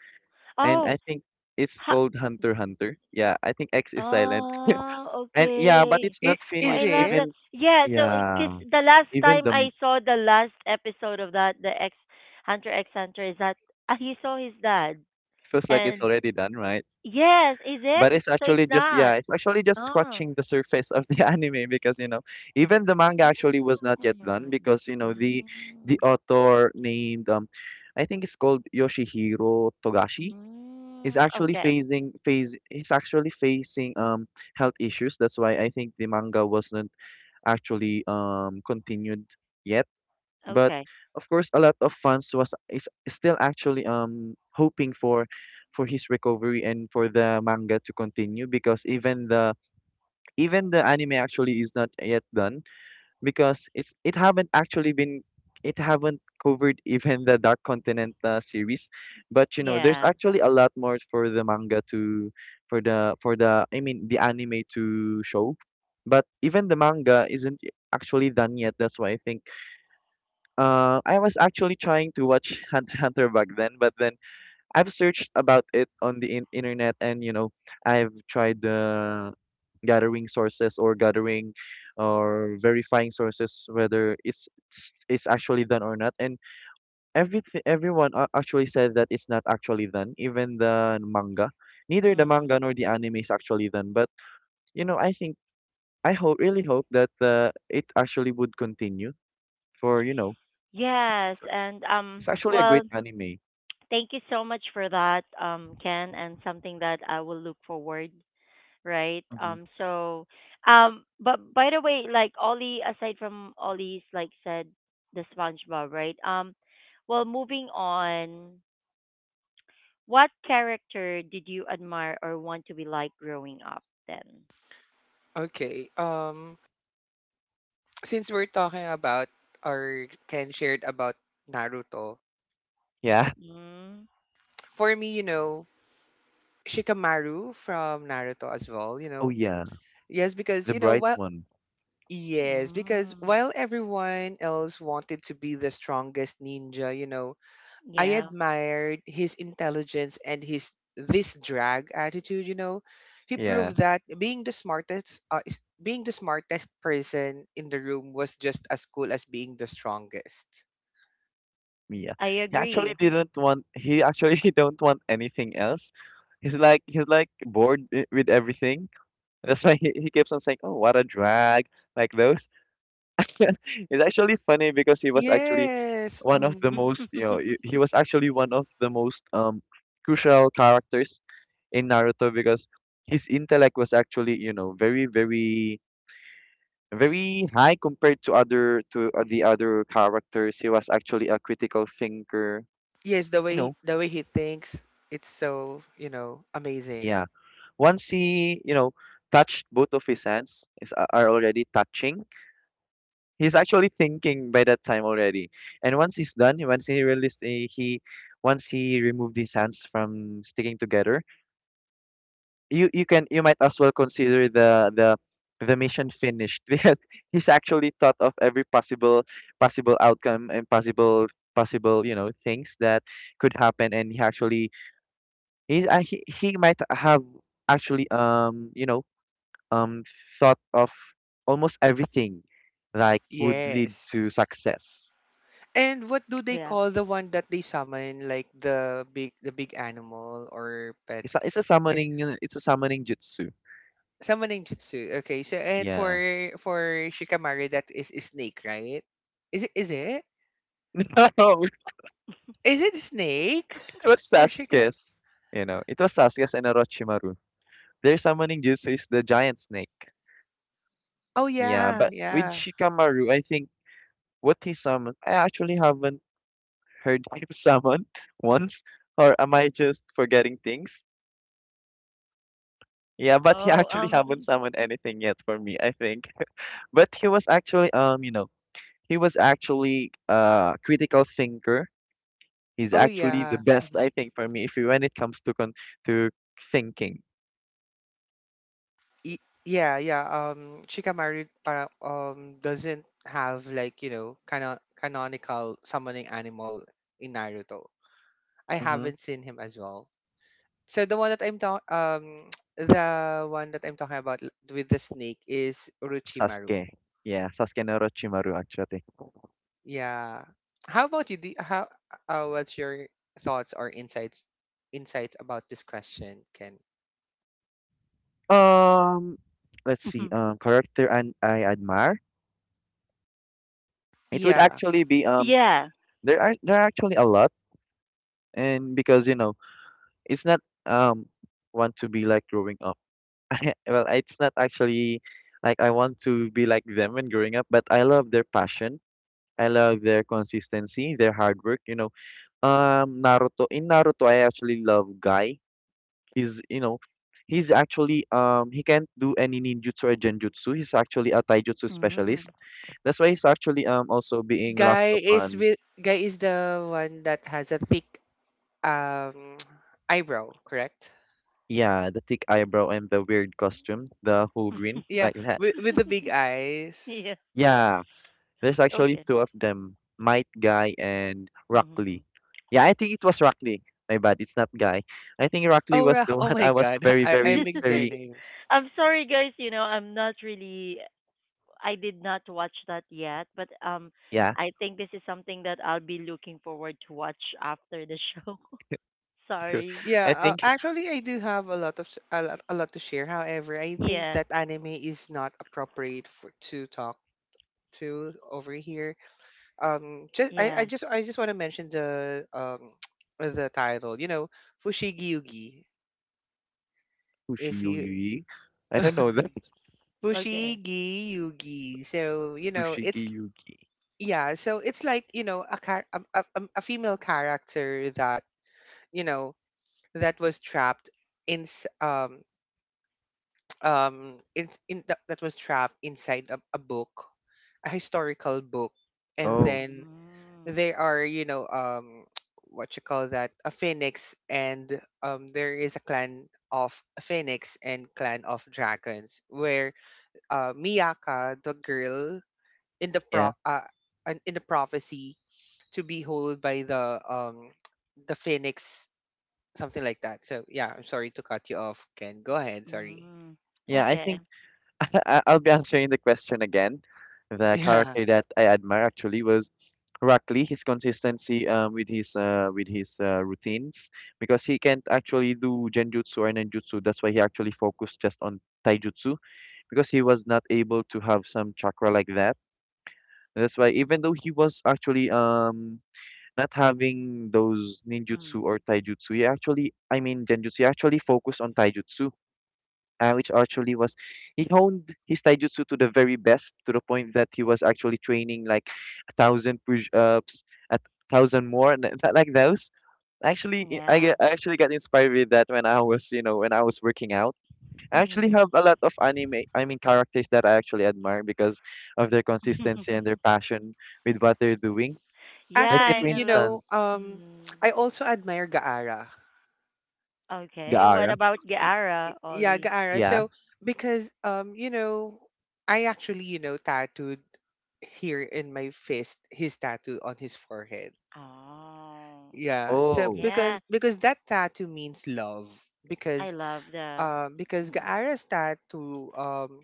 S2: And I
S1: Oh.
S2: think it's called Hunter x Hunter. Yeah, I think X is silent, <laughs>
S1: Oh,
S2: and yeah, but
S1: okay.
S2: it's
S3: It,
S2: not
S1: Oh,
S3: is
S1: I
S2: finished.
S1: love
S3: it?
S1: that.
S2: Even
S1: Yeah, so because
S2: yeah,
S1: the last
S2: even
S1: time
S2: the
S1: I saw the last episode of that, the X Hunter X Hunter, is that uh he saw his dad.
S2: it feels like it's
S1: And
S2: already done, right?
S1: yes, is it?
S2: But it's
S1: So
S2: actually
S1: it's
S2: just, yeah,
S1: not.
S2: it's actually just
S1: Oh.
S2: scratching the surface of the <laughs> anime, because you know, even the manga actually was not yet done.
S1: Mm.
S2: Because you know, the
S1: Mm.
S2: author named, I think it's called Yoshihiro Togashi, is
S1: Mm.
S2: actually
S1: Okay.
S2: facing phase he's actually facing health issues. That's why I think the manga wasn't actually um, continued yet. But
S1: Okay.
S2: of course, a lot of fans was is still actually um, hoping for his recovery, and for the manga to continue, because even the, even the anime actually is not yet done, because it haven't actually been, it haven't covered <laughs> even the Dark Continent series. But you know, there's
S1: Yeah.
S2: actually a lot more for the manga to, for the, for the, I mean the anime to show, but even the manga isn't actually done yet. That's why I think I was actually trying to watch Hunter back then, but then I've searched about it on the internet, and you know, I've tried gathering sources, or gathering, or verifying sources whether it's actually done or not. And everything, everyone actually said that it's not actually done, even the manga. Neither the manga
S1: Mm.
S2: nor the anime is actually done. But you know, I think, I hope, really hope that it actually would continue, for you know,
S1: Yes, and
S2: it's actually a great anime.
S1: thank you so much for that, Ken, and something that I will look forward right?
S2: Mm-hmm.
S1: But by the way, like Ollie, aside from Ollie's, like said, the SpongeBob, right? Well, moving on, what character did you admire or want to be like growing up then?
S3: Okay. Since we're talking about or Ken shared about Naruto,
S2: Yeah.
S1: Mm,
S3: for me, you know, Shikamaru from Naruto as well, you
S2: Oh
S3: know.
S2: yeah,
S3: Yes, because
S2: the
S3: you know
S2: bright
S3: what,
S2: one.
S3: yes, because
S1: mm,
S3: while everyone else wanted to be the strongest ninja, you know, I
S1: yeah,
S3: admired his intelligence and his this drag attitude, you know. He
S2: Yeah,
S3: proved that being the smartest being the smartest person in the room was just as cool as being the strongest.
S2: Mia.
S1: I
S2: He actually
S1: agree.
S2: didn't want. He actually <laughs> don't want anything else. He's like bored with everything. That's why he keeps on saying, "Oh, what a drag!" Like those. <laughs> It's actually funny because he was actually
S3: Yes.
S2: one of the
S3: Mhm.
S2: most, you know, he was actually one of the most crucial characters in Naruto, because his intellect was actually, you know, very, very, very high compared to other to the other characters. He was actually a critical thinker.
S3: Yes,
S2: You know,
S3: the way he thinks, it's so, you know, amazing.
S2: yeah. Once he, you know, touched both of his hands, are already touching, he's actually thinking by that time already. And once he's done, once he released, he once he removed his hands from sticking together, you can, you might as well consider the the mission finished, <laughs> because he's actually thought of every possible, possible outcome, and possible, possible, you know, things that could happen. And he actually, he might have actually um thought of almost everything like would lead
S3: Yes.
S2: to success.
S3: And what do they
S1: Yeah.
S3: call the one that they summon, like the big animal or
S2: It's
S3: pets?
S2: a, it's a summoning jutsu.
S3: Summoning Jutsu. Okay. So and
S2: Yeah,
S3: for Shikamaru that is a snake, right? Is it, is it?
S2: <laughs> no,
S3: Is it snake?
S2: it was
S3: For Shikam.
S2: Sasuke's, you know, it was Sasuke's and Orochimaru. Their summoning jutsu is the giant snake.
S3: Oh
S2: Yeah,
S3: yeah,
S2: but with
S3: yeah.
S2: Shikamaru, I think what he summoned, I actually haven't heard him <laughs> summon once, or am I just forgetting things? Yeah, but he
S1: Oh,
S2: actually haven't
S1: um,
S2: summoned anything yet for me, I think. But he was actually, you know, he was actually a critical thinker. He's
S3: Oh
S2: actually the
S3: yeah.
S2: best,
S3: Hmm.
S2: I think, for me, if you, when it comes to con to thinking.
S3: Yeah, yeah. Shikamaru para doesn't have, like, you know, canon canonical summoning animal in Naruto. I
S2: Mm-hmm.
S3: haven't seen him as well. So the one that I'm talking <tsk> the one that I'm talking about with the snake is Orochimaru.
S2: Sasuke. Yeah, Sasuke and Orochimaru actually.
S3: Yeah. How about you? Do how what's your thoughts or insights insights about this question, Ken?
S2: Um, let's see.
S1: <laughs>
S2: Character and I admire. It would
S3: Yeah.
S2: actually be um,
S1: yeah.
S2: there are actually a lot, and because you know, it's not um want to be like growing up. <laughs> Well, it's not actually like I want to be like them when growing up, but I love their passion. I love their consistency, their hard work. You know, Naruto in Naruto, I actually love Guy. He's, you know, he's actually um, he can't do any ninjutsu or genjutsu. He's actually a taijutsu
S1: Mm,
S2: specialist. That's why he's actually also being laughed
S3: Guy is
S2: upon.
S3: with guy is the one that has a thick um <tsk> eyebrow, correct?
S2: Yeah, the thick eyebrow and the weird costume, the whole green
S3: Yeah,
S2: like that.
S3: with the big eyes.
S1: yeah.
S2: Yeah, there's actually
S1: Okay.
S2: two of them, Might Guy and
S1: hmm
S2: Rockley. Yeah, I think it was Rockley. My bad, it's not Guy. I think Rockley
S3: Oh,
S2: was the <laughs>
S3: <laughs> oh
S2: one
S3: my
S2: I was
S3: God. <laughs>
S2: very,
S3: I
S2: very,
S3: mixed their
S2: very.
S1: <laughs>
S3: names.
S1: I'm sorry, guys. You know, I did not watch that yet, but
S2: Yeah,
S1: I think this is something that I'll be looking forward to watch after the show. <laughs>
S2: sure.
S1: Sorry.
S3: Yeah,
S2: I think
S3: actually, I do have a lot of a lot to share. However, I think
S1: Yeah.
S3: that anime is not appropriate for to talk to over here. Just
S1: Yeah.
S3: I just want to mention the <tsk> the title, you know, Fushigi Yugi. If you
S2: Kushiyugi. I don't know that
S1: Mm.
S2: <laughs>
S1: Okay.
S3: Fushigi Yugi. So, you know,
S2: Kushigi.
S3: it's yeah, so it's like, you know, a char- a female character that, you know, that was trapped in <tsk> in, that was trapped inside a book, a historical book. And
S2: Oh,
S3: then
S1: Mm.
S3: they are, you know, <tsk> what you call that, a phoenix, and there is a clan of phoenix and clan of dragons where, uh, Miyaka, the girl in the
S2: yeah.
S3: pro uh, in the prophecy to be held by the <tsk> the phoenix, something like that. So yeah, I'm sorry to cut you off, Ken. Go ahead. Sorry.
S1: Mm.
S2: Yeah, I
S1: Okay.
S2: think <laughs> I'll be answering the question again.
S3: <laughs>
S2: The
S3: Yeah,
S2: character that I admire actually was Rock Lee, his consistency, with his routines, because he can't actually do genjutsu or ninjutsu. That's why he actually focused just on taijutsu, because he was not able to have some chakra like that. And that's why even though he was actually not having those ninjutsu
S1: Mm.
S2: or taijutsu, he actually I mean genjutsu, he actually focused on taijutsu, which actually was, he honed his taijutsu to the very best to the point that he was actually training like 1,000 push-ups, 1,000 more, and like those. Actually, I I
S1: Yeah.
S2: get I actually got inspired with that when I was, you know, when I was working out. I actually
S1: Mm.
S2: have a lot of anime, I mean characters that I actually admire because of their consistency and their passion with what they're doing. Let's say
S3: actually,
S1: Yeah,
S2: for
S1: and I
S3: you
S1: love.
S2: instance,
S3: know, um,
S1: Mm.
S3: I also admire Gaara.
S1: Okay. What
S2: Gaara.
S1: about
S3: Y-
S1: Gaara,
S3: Yeah,
S1: Ollie?
S3: Gaara.
S2: Yeah.
S3: So because, you know, I actually, you know, tattooed here in my fist his tattoo on his forehead.
S1: Oh.
S3: Yeah. So
S2: Oh.
S1: Yeah.
S3: because that tattoo means love.
S1: I
S3: Because
S1: love the.
S3: because
S1: Mm.
S3: Gaara's tattoo,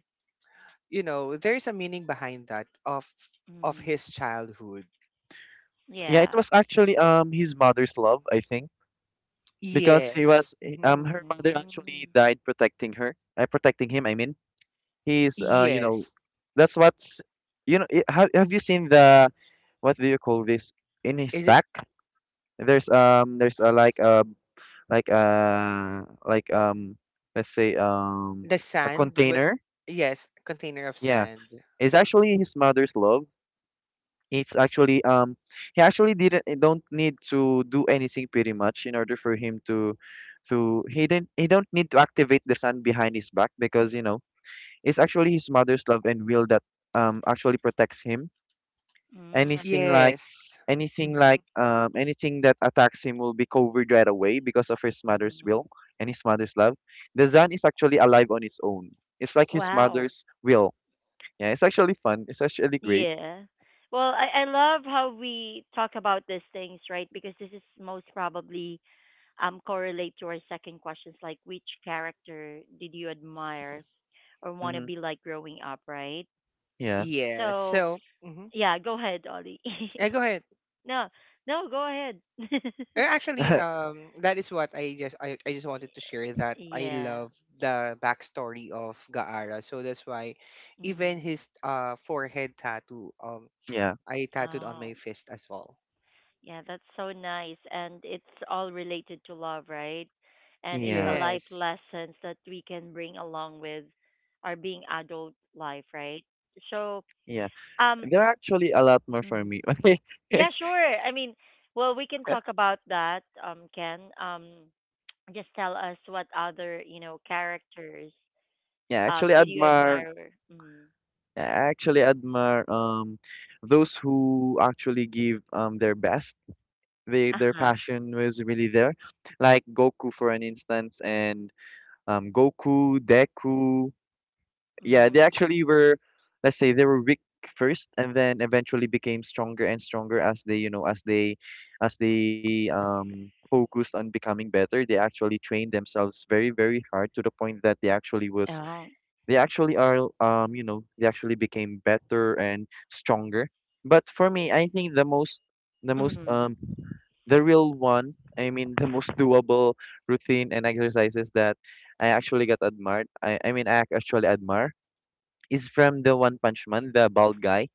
S3: you know, there's a meaning behind that of
S1: Mm.
S3: his childhood.
S2: Yeah, it
S1: Yeah.
S2: was actually his mother's love, I think, because
S3: Yes. Hmm.
S2: her mother actually
S1: Mm.
S2: died protecting her, protecting him, I mean, he's, uh, you know,
S3: Yes.
S2: that's what's, you know, it, have you seen the, what do you call this, in his
S3: Is it
S2: back, there's a like, like let's say,
S3: the
S2: a
S3: sand?
S2: container,
S3: Yes, container of
S2: yeah,
S3: sand.
S2: it's actually his mother's love, it's actually, he actually didn't don't need to do anything pretty much in order for him to, he didn't he don't need to activate the sun behind his back, because, you know, it's actually his mother's love and will that actually protects him,
S1: Mm,
S2: anything
S1: okay.
S2: like
S3: Yes.
S2: anything like, anything that attacks him will be covered right away because of his mother's
S1: Mm.
S2: will and his mother's love. The sun is actually alive on its own, it's like his
S1: Wow.
S2: mother's will. Yeah, it's actually fun, it's actually great.
S1: Yeah. Well, I love how we talk about these things, right? Because this is most probably correlate to our second questions, like which character did you admire or want to
S2: Mm-hmm.
S1: be like growing up, right?
S2: Yeah.
S3: Yeah.
S1: So
S3: So, hmm,
S1: yeah, go ahead, Ollie.
S3: yeah, go ahead.
S1: <laughs> No, no, go ahead.
S3: Actually,
S2: <laughs>
S3: that is what I just, I just wanted to share
S1: <laughs>
S3: that I
S1: Yeah.
S3: love the backstory of Gaara. So that's why even
S1: Mm.
S3: his forehead tattoo
S2: Yeah.
S3: I tattooed on my
S1: Oh,
S3: fist as well.
S1: yeah, that's so nice. And it's all related to love, right? And it's a
S2: Yeah.
S1: life
S3: Yes.
S1: lessons that we can bring along with our being adult life, right? So,
S2: Yeah.
S1: um,
S2: There are actually a lot more for
S1: mhm.
S2: me. <laughs>
S1: Yeah, sure. I mean, well, we can talk about that, Ken. Just tell us what other, you know, characters,
S2: Yeah, actually
S1: did you
S2: admire.
S1: admire? Mm.
S2: I actually admire those who actually give their best. They, their
S1: Uh-huh.
S2: passion was really there. Like Goku for an instance, and Goku, Deku. Yeah, they
S1: Mm.
S2: actually were, let's say they were weak first and then eventually became stronger and stronger as they, you know, as they, focused on becoming better. They actually trained themselves very, very hard to the point that they actually was,
S1: Oh.
S2: they actually are, you know, they actually became better and stronger. But for me, I think the most, the most
S1: Mm.
S2: um the real one, I mean the most <laughs> doable routine and exercises that I actually got admired. I actually admire is from the One Punch Man, the bald guy.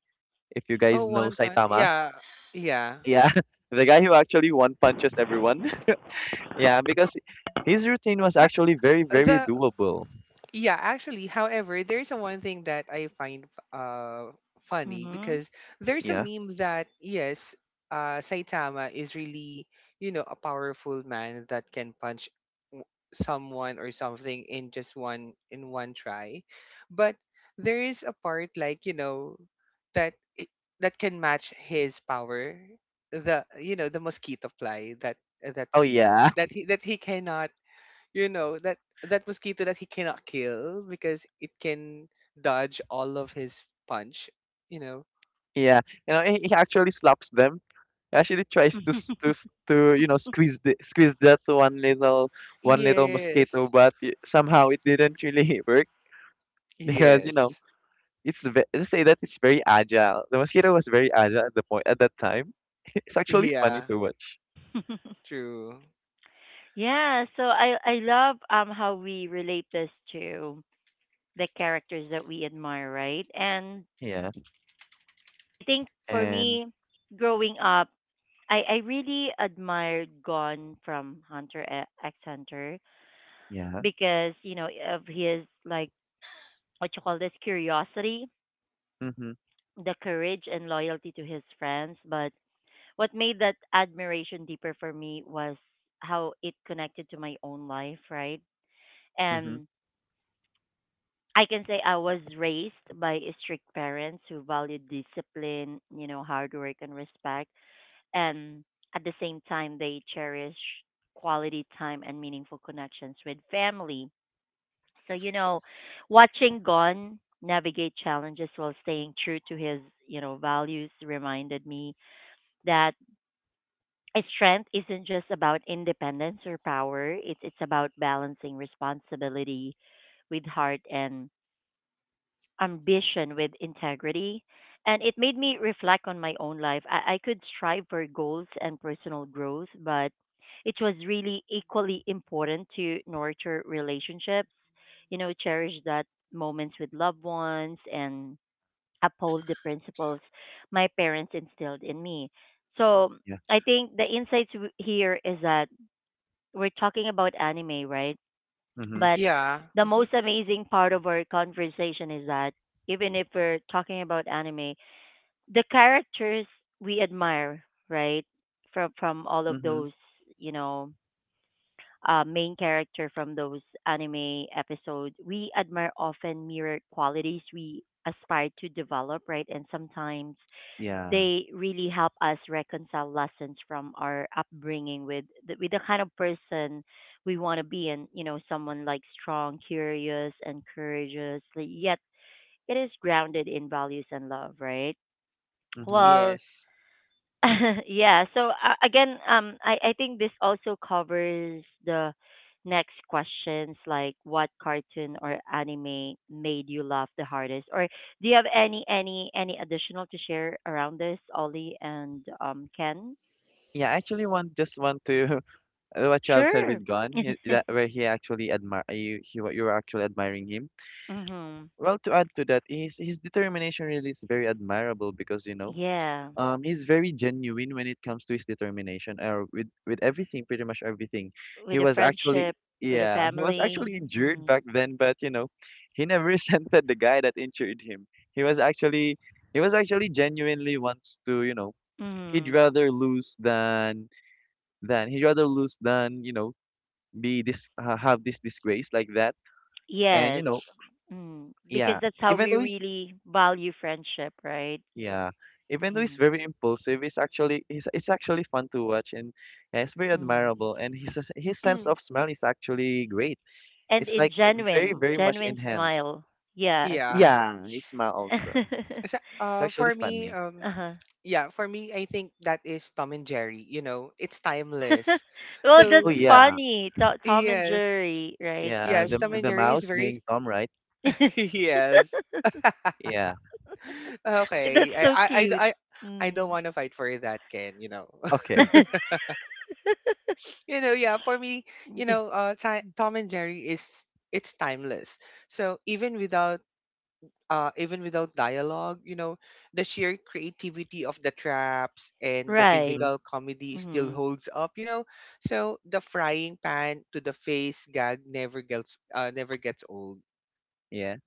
S2: If you
S3: Oh,
S2: guys know
S3: one punch.
S2: Saitama,
S3: Yeah. Yeah.
S2: yeah, <laughs> the guy who actually one punches everyone. <laughs> Yeah, because his routine was
S3: Ha-
S2: actually very, very
S3: the
S2: doable.
S3: Yeah, actually, however, there's a one thing that I find uh funny because there's a
S2: Yeah.
S3: meme that yes, Saitama is really, you know, a powerful man that can punch w- someone or something in just one try. But there is a part like, you know, that i- that can match his power, the, you know, the mosquito fly, that that
S2: Oh
S3: scene
S2: yeah,
S3: that that he cannot, you know, that that mosquito that he cannot kill because it can dodge all of his punch, you know.
S2: <laughs> yeah. You know, he actually slaps them. He actually tries to, you know, squeeze squeeze that one little, mosquito,
S3: Yes,
S2: but somehow it didn't really <laughs> work, because, you know,
S3: yes,
S2: let's say that it's very agile. The mosquito was very agile at the point at that time. <laughs> It's actually funny
S3: yeah,
S2: to watch.
S1: Mm-hmm. <laughs>
S3: true,
S1: Yeah, so I love how we relate this to the characters that we admire, right? And
S2: Yeah,
S1: I think for
S2: and
S1: me, growing up, I really admired Gon from X Hunter
S2: yeah.
S1: because you know of his like what you call this curiosity,
S2: Mhm.
S1: the courage and loyalty to his friends. But what made that admiration deeper for me was how it connected to my own life, right?
S2: Mhm.
S1: And I can say I was raised by strict parents who valued discipline, you know, hard work and respect. And at the same time, they cherish quality time and meaningful connections with family. So, you know, watching Gon navigate challenges while staying true to his, you know, values reminded me that strength isn't just about independence or power. It's about balancing responsibility with heart and ambition with integrity. And it made me reflect on my own life. I could strive for goals and personal growth, but it was really equally important to nurture relationships, you know, cherish that moments with loved ones and uphold the principles my parents instilled in me. So
S2: Yeah.
S1: I think the here is that we're talking about anime, right?
S2: Mhm.
S1: But
S3: yeah.
S1: the
S3: Hmm,
S1: most amazing part of our conversation is that even if we're talking about anime, the characters we admire, right? From all of
S2: Mhm.
S1: those, you know, main character from those anime episodes, we admire often mirror qualities we aspire to develop, right? And sometimes
S2: Yeah.
S1: they really help us reconcile lessons from our upbringing with the kind of person we want to be and you know someone like strong curious and courageous like, yet it is grounded in values and love right
S2: Mhm.
S1: well
S3: yes.
S1: <laughs> Yeah. So again, I think this also covers the next questions, like what cartoon or anime made you laugh the hardest, or do you have any additional to share around this, Ollie and Ken?
S2: Yeah, I actually want just want to <laughs> what you have said
S1: Sure.
S2: with Gon, he, that where he actually admire you, you were actually admiring him.
S1: Mm-hmm.
S2: Well, to add to that, his determination really is very admirable, because, you know,
S1: Yeah.
S2: he's very genuine when it comes to his determination, or with everything, pretty much everything he
S1: With a
S2: was actually,
S1: friendship, with a
S2: yeah, he was
S1: family.
S2: actually injured
S1: Mm.
S2: back then, but, you know, he never <laughs> resented the guy that injured him. He was actually, he was actually genuinely wants to, you know, he'd
S1: Mm.
S2: rather lose than, he'd rather lose than, you know, be this, have this disgrace like that. And, you
S1: Yes.
S2: know,
S1: Mm. Because
S2: yeah,
S1: that's how
S2: even
S1: we
S2: though he's,
S1: really value friendship, right?
S2: yeah, even though he's very impulsive, he's actually, he's it's actually fun to watch. And yeah, it's very
S1: Mm.
S2: admirable. And his sense of
S3: <clears throat>
S2: smell is actually great.
S1: And
S2: It's
S1: in
S2: like very,
S1: genuine,
S2: very much
S1: genuine
S2: enhanced.
S1: smile. Yes.
S3: Yeah,
S2: Yeah, his smile also.
S3: so,
S1: <laughs>
S2: It's
S3: uh,
S2: actually
S3: for me,
S2: funny.
S3: um,
S1: Uh-huh.
S3: yeah, for me, I think that is Tom and Jerry, you know, it's
S1: <laughs>
S3: timeless.
S1: Well, that's
S2: Oh
S3: So
S2: yeah,
S1: funny. To- Tom and
S3: yes,
S1: Jerry, right?
S2: yeah.
S3: yes, Tom
S1: Mm.
S3: and
S2: The
S3: Jerry is
S2: mouse
S3: very
S2: being Tom, right?
S1: <laughs> That's
S3: <laughs> yes.
S2: Yeah.
S3: Ah, okay.
S1: so cute.
S3: I don't
S1: Mm.
S3: want to fight for that, Ken, you know. <laughs>
S2: Okay.
S1: <laughs>
S3: You know, yeah, for me, you
S1: Y-
S3: know, Tom and Jerry is, it's timeless. So even without dialogue, you know, the sheer creativity of the traps and the
S1: right.
S2: Mm-hmm.
S3: physical comedy still
S1: Mm.
S3: holds up, you know. So the frying pan to the face gag never gets never gets old.
S2: Yeah.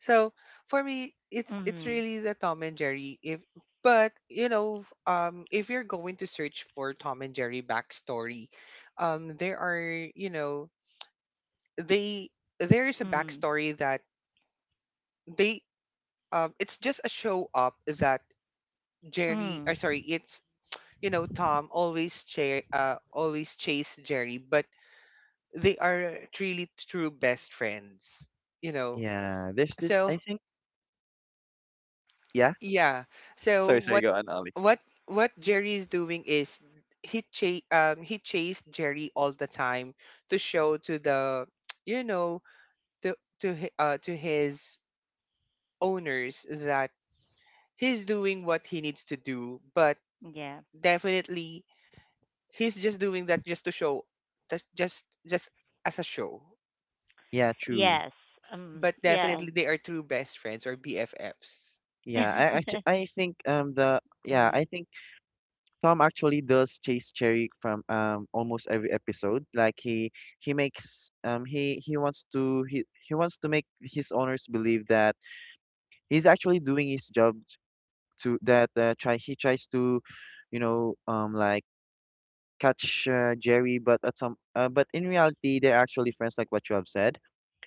S3: So for me, it's
S1: Mm.
S3: really the Tom and Jerry. If, but you know, if you're going to search for Tom and Jerry backstory, there are, you know, they there is a
S1: Mm.
S3: backstory that they, um, it's just a show up that Jerry
S1: Mm.
S3: or sorry it's you know, Tom always always chase Jerry, but they are truly true best friends. You know,
S2: Yeah. There's this,
S3: so
S2: I think. Yeah.
S3: yeah. So
S2: Sorry. Sorry. Go on, Ali.
S3: what Jerry is doing is he chased Jerry all the time to show to the <tsk> you know, to to his owners that he's doing what he needs to do, but
S1: Yeah.
S3: definitely he's just doing that just to show that, just as a show.
S2: Yeah. True.
S1: Yes.
S3: But
S1: Yeah.
S3: definitely they are true best friends or BFFs.
S2: Yeah. I
S1: <laughs>
S2: actually I think, the yeah
S1: Mm.
S2: I think Tom actually does chase Cherry from almost every episode. Like he makes he wants to make his owners believe that he's actually doing his job, to that, try he tries to, you know, like catch, Jerry, but at some but in reality they're actually friends, like what you have said,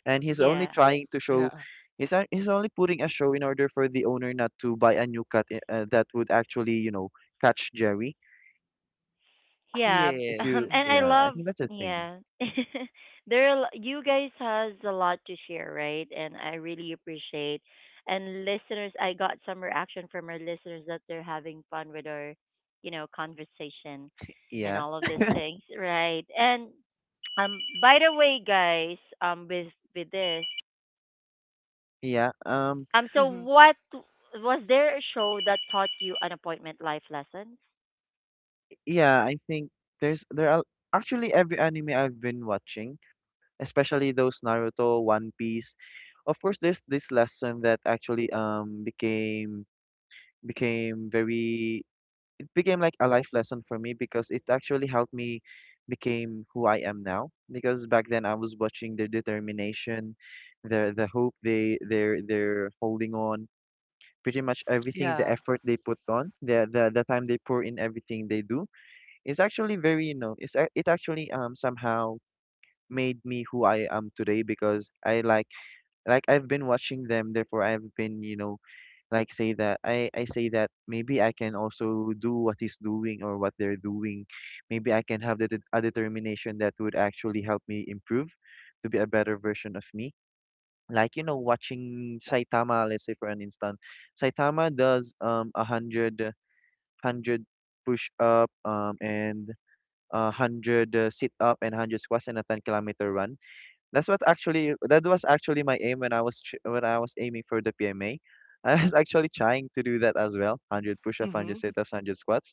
S2: and he's only
S1: Yeah.
S2: trying to show.
S3: Yeah.
S2: He's only putting a show in order for the owner not to buy a new cat, that would actually, you know, catch Jerry.
S1: Yeah, <laughs>
S2: If
S3: Yes.
S2: you,
S1: and
S3: Mm-hmm.
S1: I
S2: yeah, I
S1: love
S2: think that's a thing.
S1: yeah. <laughs> There are, you guys has a lot to share, right? And I really appreciate and listeners, I got some reaction from our listeners that they're having fun with our, you know, conversation and
S2: Yeah,
S1: all of these things, right? And um by the way, guys, with this,
S2: yeah,
S1: so
S3: Mm-hmm.
S1: what was there a show that taught you unappointment life lessons?
S2: yeah. I think there's there are actually every anime I've been watching, especially those Naruto, One Piece. Of course, there's this lesson that actually became very, it became like a life lesson for me because it actually helped me became who I am now. Because back then I was watching their determination, their, the hope they, they're holding on pretty much everything, the
S3: Yeah.
S2: effort they put on the, the time they pour in, everything they do, is actually very, you know, it actually somehow made me who I am today, because I like I've been watching them, therefore I've been, you know, like say that I say that maybe I can also do what he's doing or what they're doing. Maybe I can have the, a determination that would actually help me improve to be a better version of me. Like, you know, watching Saitama, let's say for an instant, Saitama does a hundred 100 push up and 100, sit up and 100 squats, and a 10 km run. That's what actually, that was actually my aim when I was when I was aiming for the PMA. <laughs> I was actually trying to do that as well, 100 push-ups, hundred
S3: Mm-hmm.
S2: sit ups, 100 squats,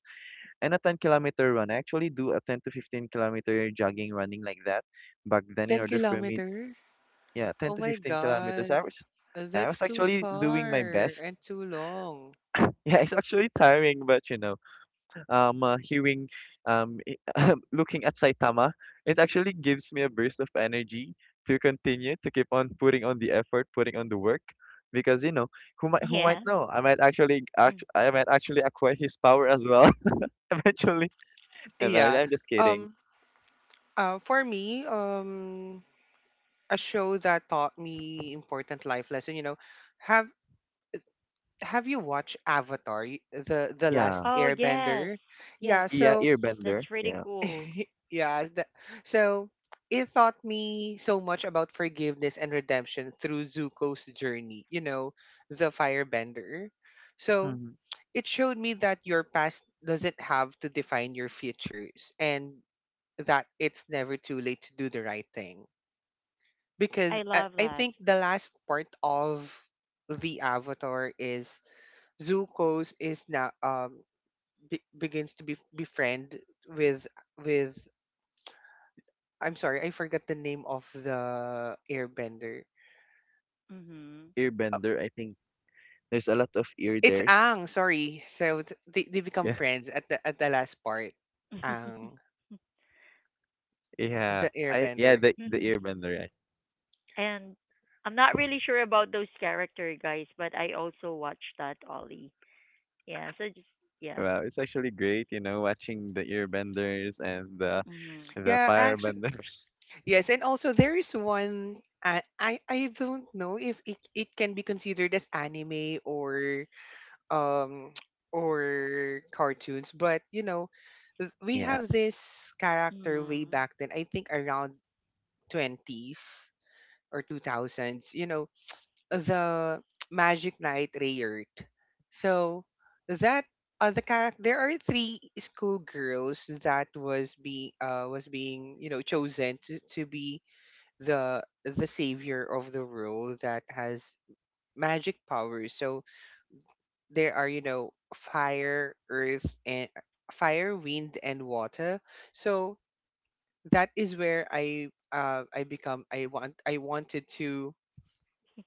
S2: and a 10 km run. I actually do a 10 to 15 km jogging, running like that back then in
S3: 10
S2: order for me,
S3: kilometer.
S2: yeah, 10
S3: Oh
S2: to
S3: my
S2: 15
S3: God.
S2: kilometers. I was, yeah, I
S3: That's
S2: was
S3: too
S2: actually doing my
S3: far
S2: best.
S3: and
S2: <laughs>
S3: too long.
S2: Yeah, it's actually tiring, but, you know, hearing, <laughs> looking at Saitama, it actually gives me a burst of energy to continue to keep on putting on the effort, putting on the work, because, you know, who might know?
S1: <laughs>
S2: I might actually
S1: Yeah.
S2: I might actually acquire his power as well <laughs> eventually. And,
S3: Yeah.
S2: I'm just kidding.
S3: Um, for me, a show that taught me important life lesson, you know, have have you watched Avatar, the last
S2: Yeah,
S1: Oh yes,
S3: Airbender? Yeah,
S1: yes,
S2: yeah,
S3: so
S2: earbender.
S1: that's really
S2: Yeah.
S1: cool.
S3: <laughs> yeah, that, so it taught me so much about forgiveness and redemption through Zuko's journey, you know, the firebender. So
S2: Mhm.
S3: it showed me that your past doesn't have to define your futures and that it's never too late to do the right thing. Because
S1: I love
S3: I
S1: that.
S3: think the last part of the avatar is Zuko's is now begins to be befriend with with I'm sorry I forgot the name of the airbender.
S1: Mhm.
S3: Uh,
S2: Earbender. I think there's a lot of ear
S3: It's
S2: there.
S3: Ang, sorry. So they become
S2: Yeah.
S3: friends at the last part. Ang,
S2: Yeah,
S3: the
S2: I, yeah,
S3: airbender.
S2: the
S1: Mhm.
S2: Airbender. Yeah.
S1: And I'm not really sure about those character guys, but I also watched that Ollie. Yeah. So just yeah.
S2: Wow, it's actually great, you know, watching the Airbenders and
S1: Mhm.
S2: the
S3: Yeah, actually,
S2: Firebenders. <laughs>
S3: yes, and also there is one, I don't know if it, it can be considered as anime or um <tsk> or cartoons, but you know, we
S2: Yeah,
S3: have this character way
S1: Mhm.
S3: back then, I think around 20s or 2000s, you know, the <tsk> Magic Knight Rayert. So that the character, there are three schoolgirls that was being, you know, chosen to be the savior of the world that has magic powers. So there are, you know, fire, earth, and fire, wind, and water. So that is where I wanted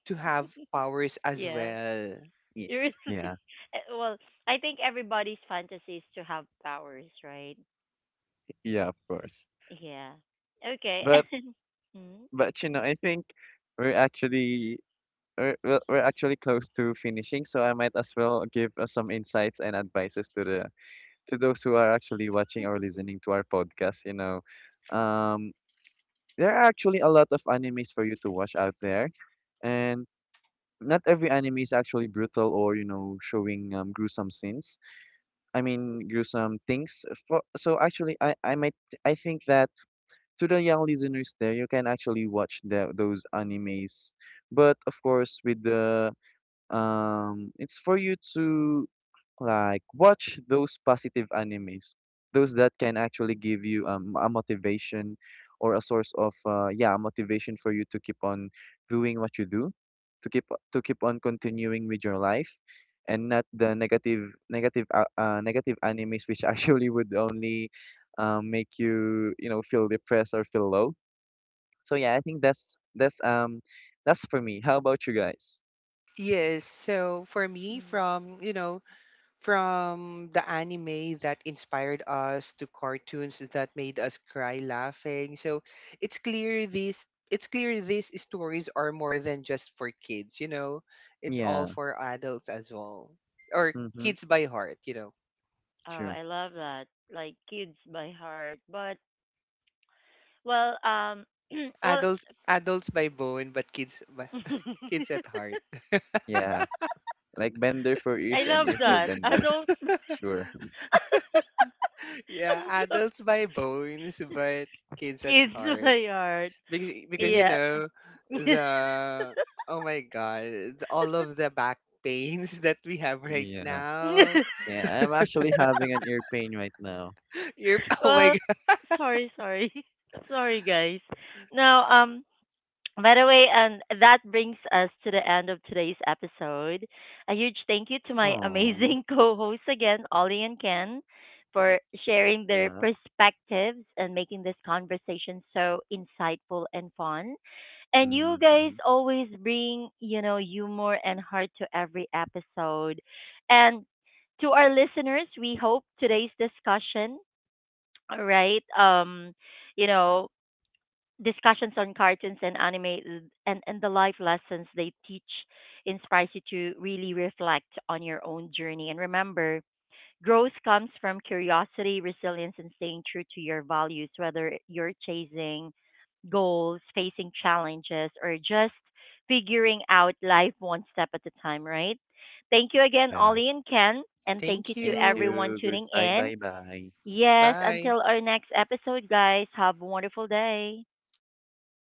S3: to have powers as
S1: Yeah.
S3: well.
S2: yeah,
S1: You're-
S2: yeah,
S1: <laughs> Eh, well, I think everybody's fantasy is to have powers, right?
S2: yeah, of course.
S1: Yeah. Okay.
S2: But
S1: <laughs> Hmm.
S2: but you know, I think we're actually we're we're actually close to finishing, so I might as well give, some insights and advices to the, to those who are actually watching or listening to our podcast. You know, um, there are actually a lot of animes for you to watch out there. And, not every anime is actually brutal, or, you know, showing gruesome scenes, I mean gruesome things for, so actually I think that to the young listeners there, you can actually watch the, those animes, but of course with the, it's for you to, like, watch those positive animes, those that can actually give you, a motivation, or a source of, yeah, a motivation for you to keep on doing what you do, to keep, to keep on continuing with your life, and not the negative animes, which <laughs> actually would only, make you, you know, feel depressed or feel low. So yeah, I think that's, that's that's for me. How about you guys?
S3: Yes, so for me
S1: Hmm.
S3: from, you know, from the anime that inspired us to cartoons that made us cry laughing. So it's clear these it's clear these stories are more than just for kids, you know. It's all
S2: Yeah.
S3: for adults as well. Or
S2: Mm-hmm.
S3: kids by heart, you know.
S1: Oh,
S2: True.
S1: I love that. Like kids by heart. But well, <clears throat> well
S3: Adults by bone, but kids by, <laughs>
S1: <laughs>
S3: kids at heart.
S2: Yeah. Like bender for
S1: I
S2: ears and ear
S1: love
S2: for
S1: that. I
S2: benders.
S3: <laughs>
S1: adults,
S2: Sure.
S3: Yeah, adults by bones, but kids at
S1: kids <laughs> kiss
S3: heart.
S1: my heart.
S3: Because
S2: Yeah.
S3: you
S1: Yeah.
S3: know,
S1: <laughs>
S3: the oh my god, all of the back pains <laughs> that we have right
S2: Yeah.
S3: now.
S2: Yeah. I'm actually having an ear pain right now.
S3: <laughs> You're oh my
S1: Well,
S3: god.
S1: sorry, sorry, <laughs> sorry, guys. Now, by the way, and that brings us to the end of today's episode. A huge thank you to my
S2: Oh.
S1: amazing <laughs> co-hosts again, Ollie and Ken, for sharing their
S2: Yeah.
S1: perspectives and making this conversation so insightful and fun. And you guys
S2: Mm-hmm.
S1: always bring, you know, humor and heart to every episode. And to our listeners, we hope today's discussion, right? You know, discussions on cartoons and anime and the life lessons they teach inspires you to really reflect on your own journey. And remember, growth comes from curiosity, resilience, and staying true to your values, whether you're chasing goals, facing challenges, or just figuring out life one step at a time, right? Thank you again,
S2: Yeah.
S1: Ollie and Ken, and thank you
S3: Thank
S1: to
S2: Thank
S3: you.
S1: everyone
S2: you.
S1: tuning
S2: Goodbye.
S1: in.
S2: Bye. Bye.
S1: Yes,
S3: Bye.
S1: until our next episode, guys, have a wonderful day.
S2: Bye.
S3: Yes.